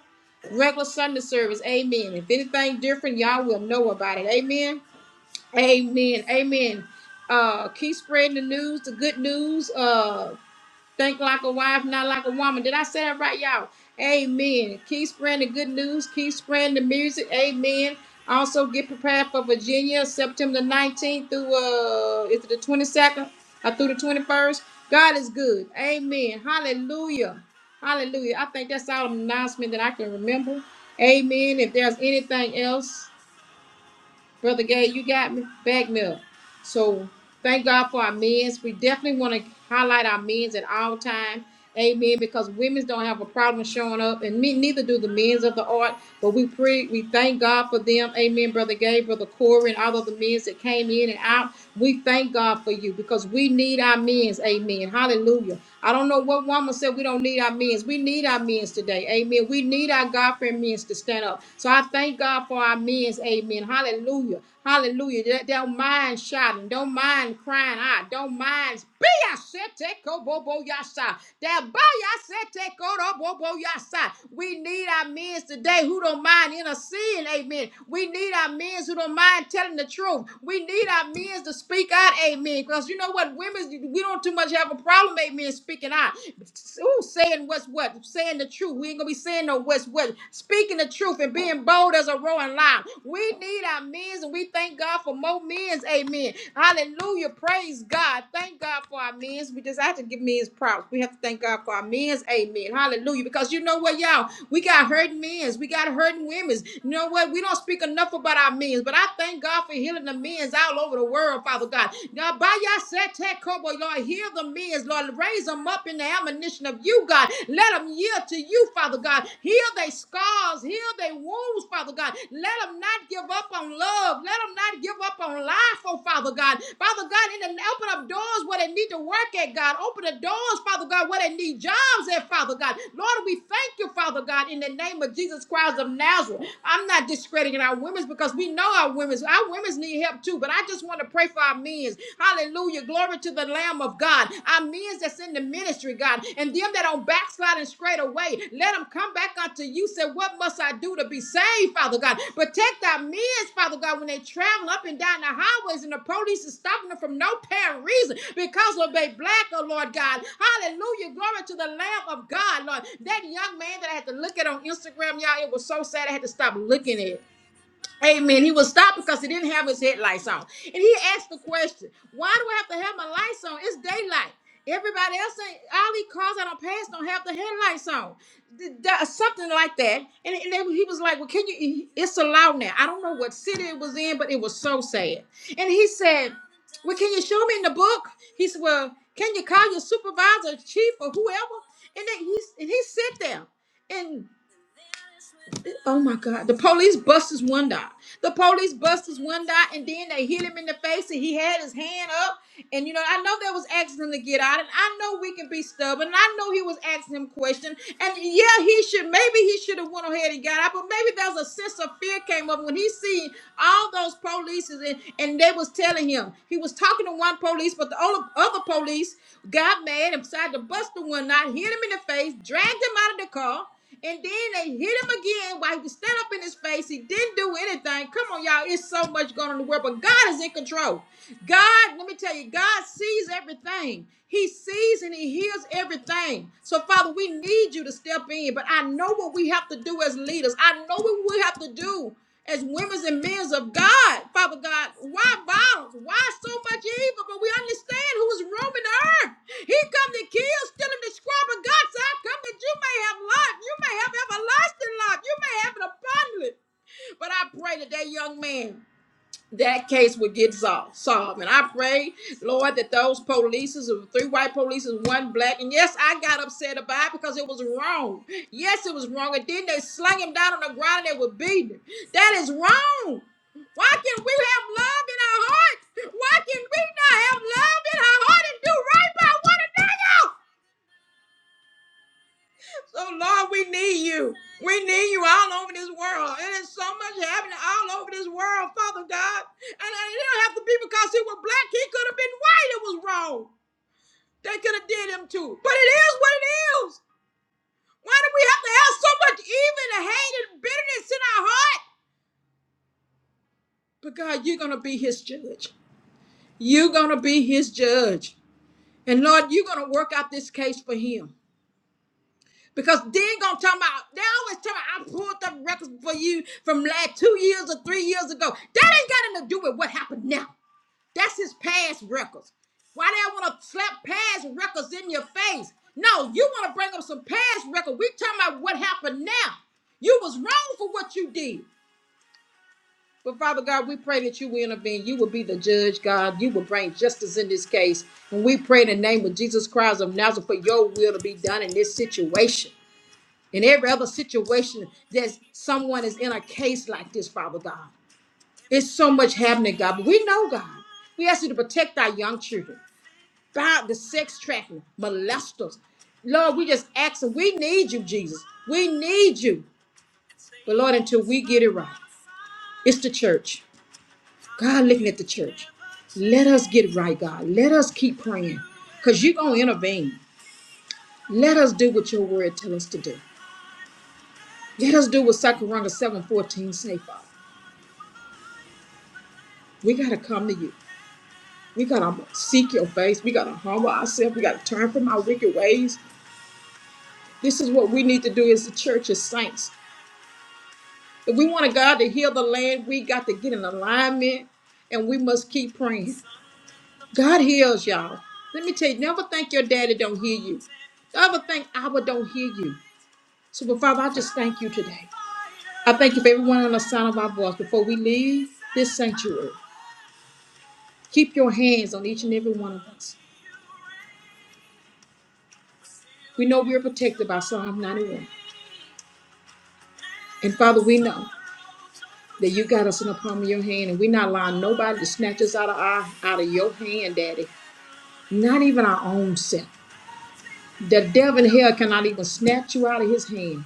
Speaker 2: regular Sunday service. Amen. If anything different, y'all will know about it. Amen. Amen. Amen. Uh, keep spreading the news, the good news. Uh, think like a wife, not like a woman. Did I say that right, y'all? Amen. Keep spreading the good news. Keep spreading the music. Amen. Also, get prepared for Virginia, September the 19th through uh, is it the 22nd or through the 21st? God is good. Amen. Hallelujah. Hallelujah. I think that's all an announcement that I can remember. Amen. If there's anything else. Brother Gay, you got me. Bag milk. So thank God for our men's. We definitely want to highlight our men's at all time. Amen. Because women's don't have a problem showing up, and me, neither do the men's of the art. But we pray, we thank God for them. Amen. Brother Gay, Brother Corey, and all of the men's that came in and out. We thank God for you because we need our men's. Amen. Hallelujah. I don't know what woman said we don't need our men's. We need our men's today. Amen. We need our God fearing men's to stand up. So I thank God for our men's. Amen. Amen. Hallelujah. Hallelujah. Don't mind shouting. Don't mind crying out. Don't mind. Be a sete kobo bo yasa. That by sete kobo bo yasa. We need our men today who don't mind interceding. Amen. We need our men who don't mind telling the truth. We need our men to speak out. Amen. Because you know what? Women, we don't too much have a problem. Amen. Speaking out. Ooh, saying what's what. Saying the truth. We ain't gonna be saying sin nor what's what. Speaking the truth and being bold as a roaring lion. We need our men's and we thank God for more men's. Amen. Hallelujah. Praise God. Thank God for our men's. We just have to give men's props. We have to thank God for our men's. Amen. Hallelujah. Because you know what, y'all? We got hurting men's. We got hurting women's. You know what? We don't speak enough about our men's, but I thank God for healing the men's all over the world, Father God. Now, by your set, Lord, heal the men's, Lord raise them up in the admonition of you, God. Let them yield to you, Father God. Heal their scars, heal their wounds, Father God. Let them not give up on love. Let them not give up on life, oh Father God. Father God, in the open up doors where they need to work at, God. Open the doors, Father God, where they need jobs at, Father God. Lord, we thank you, Father God, in the name of Jesus Christ of Nazareth. I'm not discrediting our women's because we know our women's. Our women's need help too, but I just want to pray pray for our means. Hallelujah. Glory to the Lamb of God. Our means that's in the ministry, God. And them that don't backslide and straight away, let them come back unto you. Say, What must I do to be saved, Father God? Protect our means, Father God, when they travel up and down the highways and the police is stopping them from no apparent reason because of they black, oh Lord God. Hallelujah. Glory to the Lamb of God, Lord. That young man that I had to look at on Instagram, y'all, it was so sad I had to stop looking at. Amen. He was stopped because he didn't have his headlights on. And he asked the question, why do I have to have my lights on? It's daylight. Everybody else, ain't- all these cars I don't pass don't have the headlights on. Th- th- Something like that. And, and they- he was like, well, can you, it's allowed now. I don't know what city it was in, but it was so sad. And he said, well, can you show me in the book? He said, well, can you call your supervisor, chief, or whoever? And then he, and he sat there. Oh my God. The police busters one guy. The police busters one guy, and then they hit him in the face, and he had his hand up. And you know, I know that was asking him to get out, and I know we can be stubborn. And I know he was asking him questions. And yeah, he should maybe he should have went ahead and got out, but maybe there was a sense of fear came up when he seen all those police and, and they was telling him he was talking to one police, but the other other police got mad and decided to bust the one out, hit him in the face, dragged him out of the car. And then they hit him again while he was standing up in his face. He didn't do anything. Come on, y'all. It's so much going on in the world, but God is in control. God, let me tell you, God sees everything. He sees and He hears everything. So, Father, we need you to step in, but I know what we have to do as leaders. I know what we have to do as women and men of God, Father God. Why violence? Why so much evil? But we understand who's roaming the earth. He come to kill, steal, and destroy. But God said, I come that you may have life. You may have everlasting life. You may have an abundant. But I pray that that young man that case would get solved. solved. And I pray, Lord, that those polices, three white polices, one black, and yes, I got upset about it because it was wrong. Yes, it was wrong. And then they slung him down on the ground and they were beating him. That is wrong. Why can not we have love in our hearts? Why can we not have love in our heart and do right by one another? So Lord, we need you. We need you all over this world. And there's so much happening all over this world, Father God. And it don't have to be because he was black. He could have been white. It was wrong. They could have did him too. But it is what it is. Why do we have to have so much evil and hate and bitterness in our heart? But God, you're gonna be his judge. You're gonna be his judge. And Lord, you're gonna work out this case for him. Because they ain't gonna talk about they always talk about I pulled up records for you from like two years or three years ago. That ain't got nothing to do with what happened now. That's his past records. Why they wanna slap past records in your face? No, you wanna bring up some past record. We talking about what happened now. You was wrong for what you did. But Father God, we pray that you will intervene. You will be the judge, God. You will bring justice in this case. And we pray in the name of Jesus Christ of Nazareth for your will to be done in this situation. In every other situation that someone is in a case like this, Father God, it's so much happening, God. But we know, God, we ask you to protect our young children, guard the sex trafficking, molesters. Lord, we just ask, and we need you, Jesus. We need you. But Lord, until we get it right, it's the church. God looking at the church. Let us get right, God. Let us keep praying because you're going to intervene. Let us do what your word tell us to do. Let us do what Sakaranga 714 say, Father. We got to come to you. We got to seek your face. We got to humble ourselves. We got to turn from our wicked ways. This is what we need to do as the church as saints. If we want a God to heal the land, we got to get in alignment and we must keep praying. God heals y'all. Let me tell you, never think your daddy don't hear you. Never think Abba don't hear you. So, but Father, I just thank you today. I thank you for everyone on the sound of our voice before we leave this sanctuary. Keep your hands on each and every one of us. We know we are protected by Psalm 91. And Father, we know that you got us in the palm of your hand, and we're not allowing nobody to snatch us out of our out of your hand, Daddy. Not even our own self. The devil in hell cannot even snatch you out of his hand.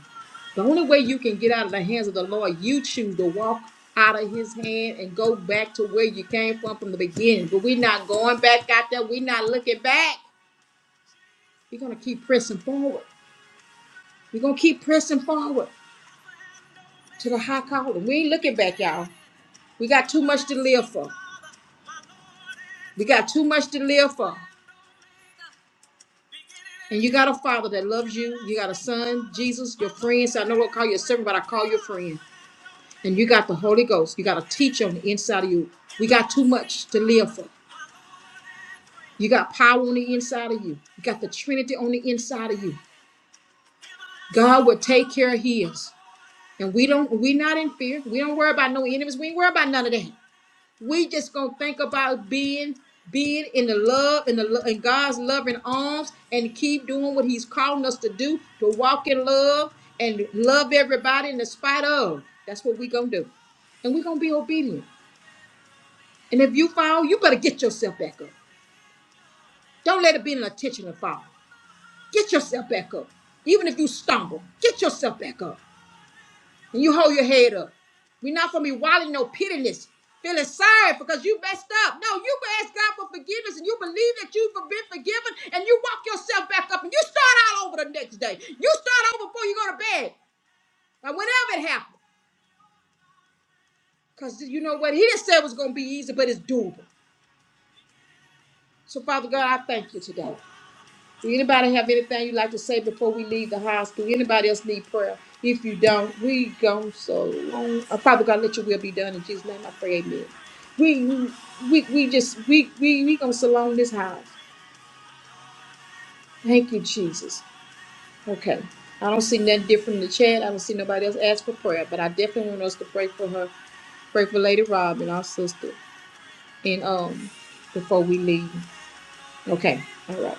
Speaker 2: The only way you can get out of the hands of the Lord, you choose to walk out of his hand and go back to where you came from from the beginning. But we're not going back out there. We're not looking back. We're going to keep pressing forward. We're going to keep pressing forward to the high calling. We ain't looking back, y'all. We got too much to live for. We got too much to live for. And you got a father that loves you. You got a son, Jesus, your friend. So I know I call you a servant, but I call you a friend. And you got the Holy Ghost. You got a teacher on the inside of you. We got too much to live for. You got power on the inside of you. You got the Trinity on the inside of you. God will take care of his. And we don't, we're not in fear. We don't worry about no enemies. We ain't worry about none of that. We just gonna think about being being in the love in the lo- in God's loving arms and keep doing what He's calling us to do to walk in love and love everybody in the spite of. That's what we gonna do, and we gonna be obedient. And if you fall, you better get yourself back up. Don't let it be an intentional fall. Get yourself back up, even if you stumble. Get yourself back up. And you hold your head up. We're not gonna be wilding no pitiless, feeling sorry because you messed up. No, you ask God for forgiveness and you believe that you've been forgiven and you walk yourself back up and you start all over the next day. You start over before you go to bed. And whenever it happens. Because you know what? He didn't say it was gonna be easy, but it's doable. So, Father God, I thank you today. anybody have anything you'd like to say before we leave the hospital? Anybody else need prayer? If you don't, we go so long. Uh, Father God, let your will be done in Jesus' name. I pray, Amen. We we we we just we we we gonna salon this house. Thank you, Jesus. Okay. I don't see nothing different in the chat. I don't see nobody else ask for prayer, but I definitely want us to pray for her, pray for Lady Rob and our sister, and um, before we leave. Okay. All right.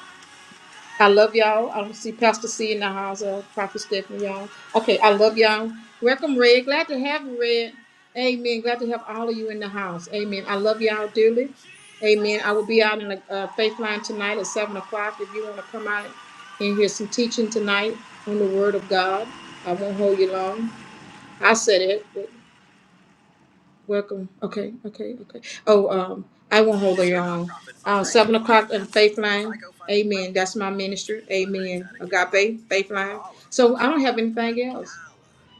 Speaker 2: I love y'all. I don't see Pastor C in the house, uh, Prophet Stephanie, y'all. Okay, I love y'all. Welcome, Red. Glad to have you, Red. Amen. Glad to have all of you in the house. Amen. I love y'all dearly. Amen. I will be out in the uh, faith line tonight at 7 o'clock if you want to come out and hear some teaching tonight on the Word of God. I won't hold you long. I said it. Welcome. Okay, okay, okay. Oh, um, I won't hold her on. Uh, seven o'clock on Faith Line. Amen. That's my ministry. Amen. Agape, Faith Line. So I don't have anything else.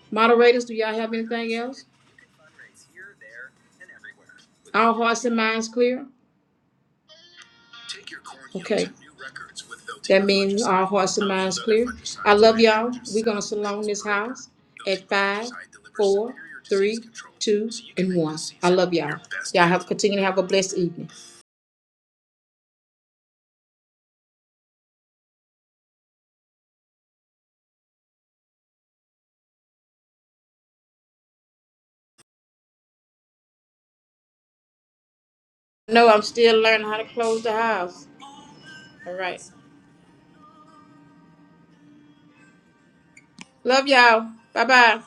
Speaker 2: Moderators, do y'all have anything else? All hearts and minds clear? Okay. That means all hearts and minds clear. I love y'all. We're gonna salon this house at five, four, three, two, and one. I love y'all. Y'all have continue to have a blessed evening. No, I'm still learning how to close the house. All right. Love y'all. Bye bye.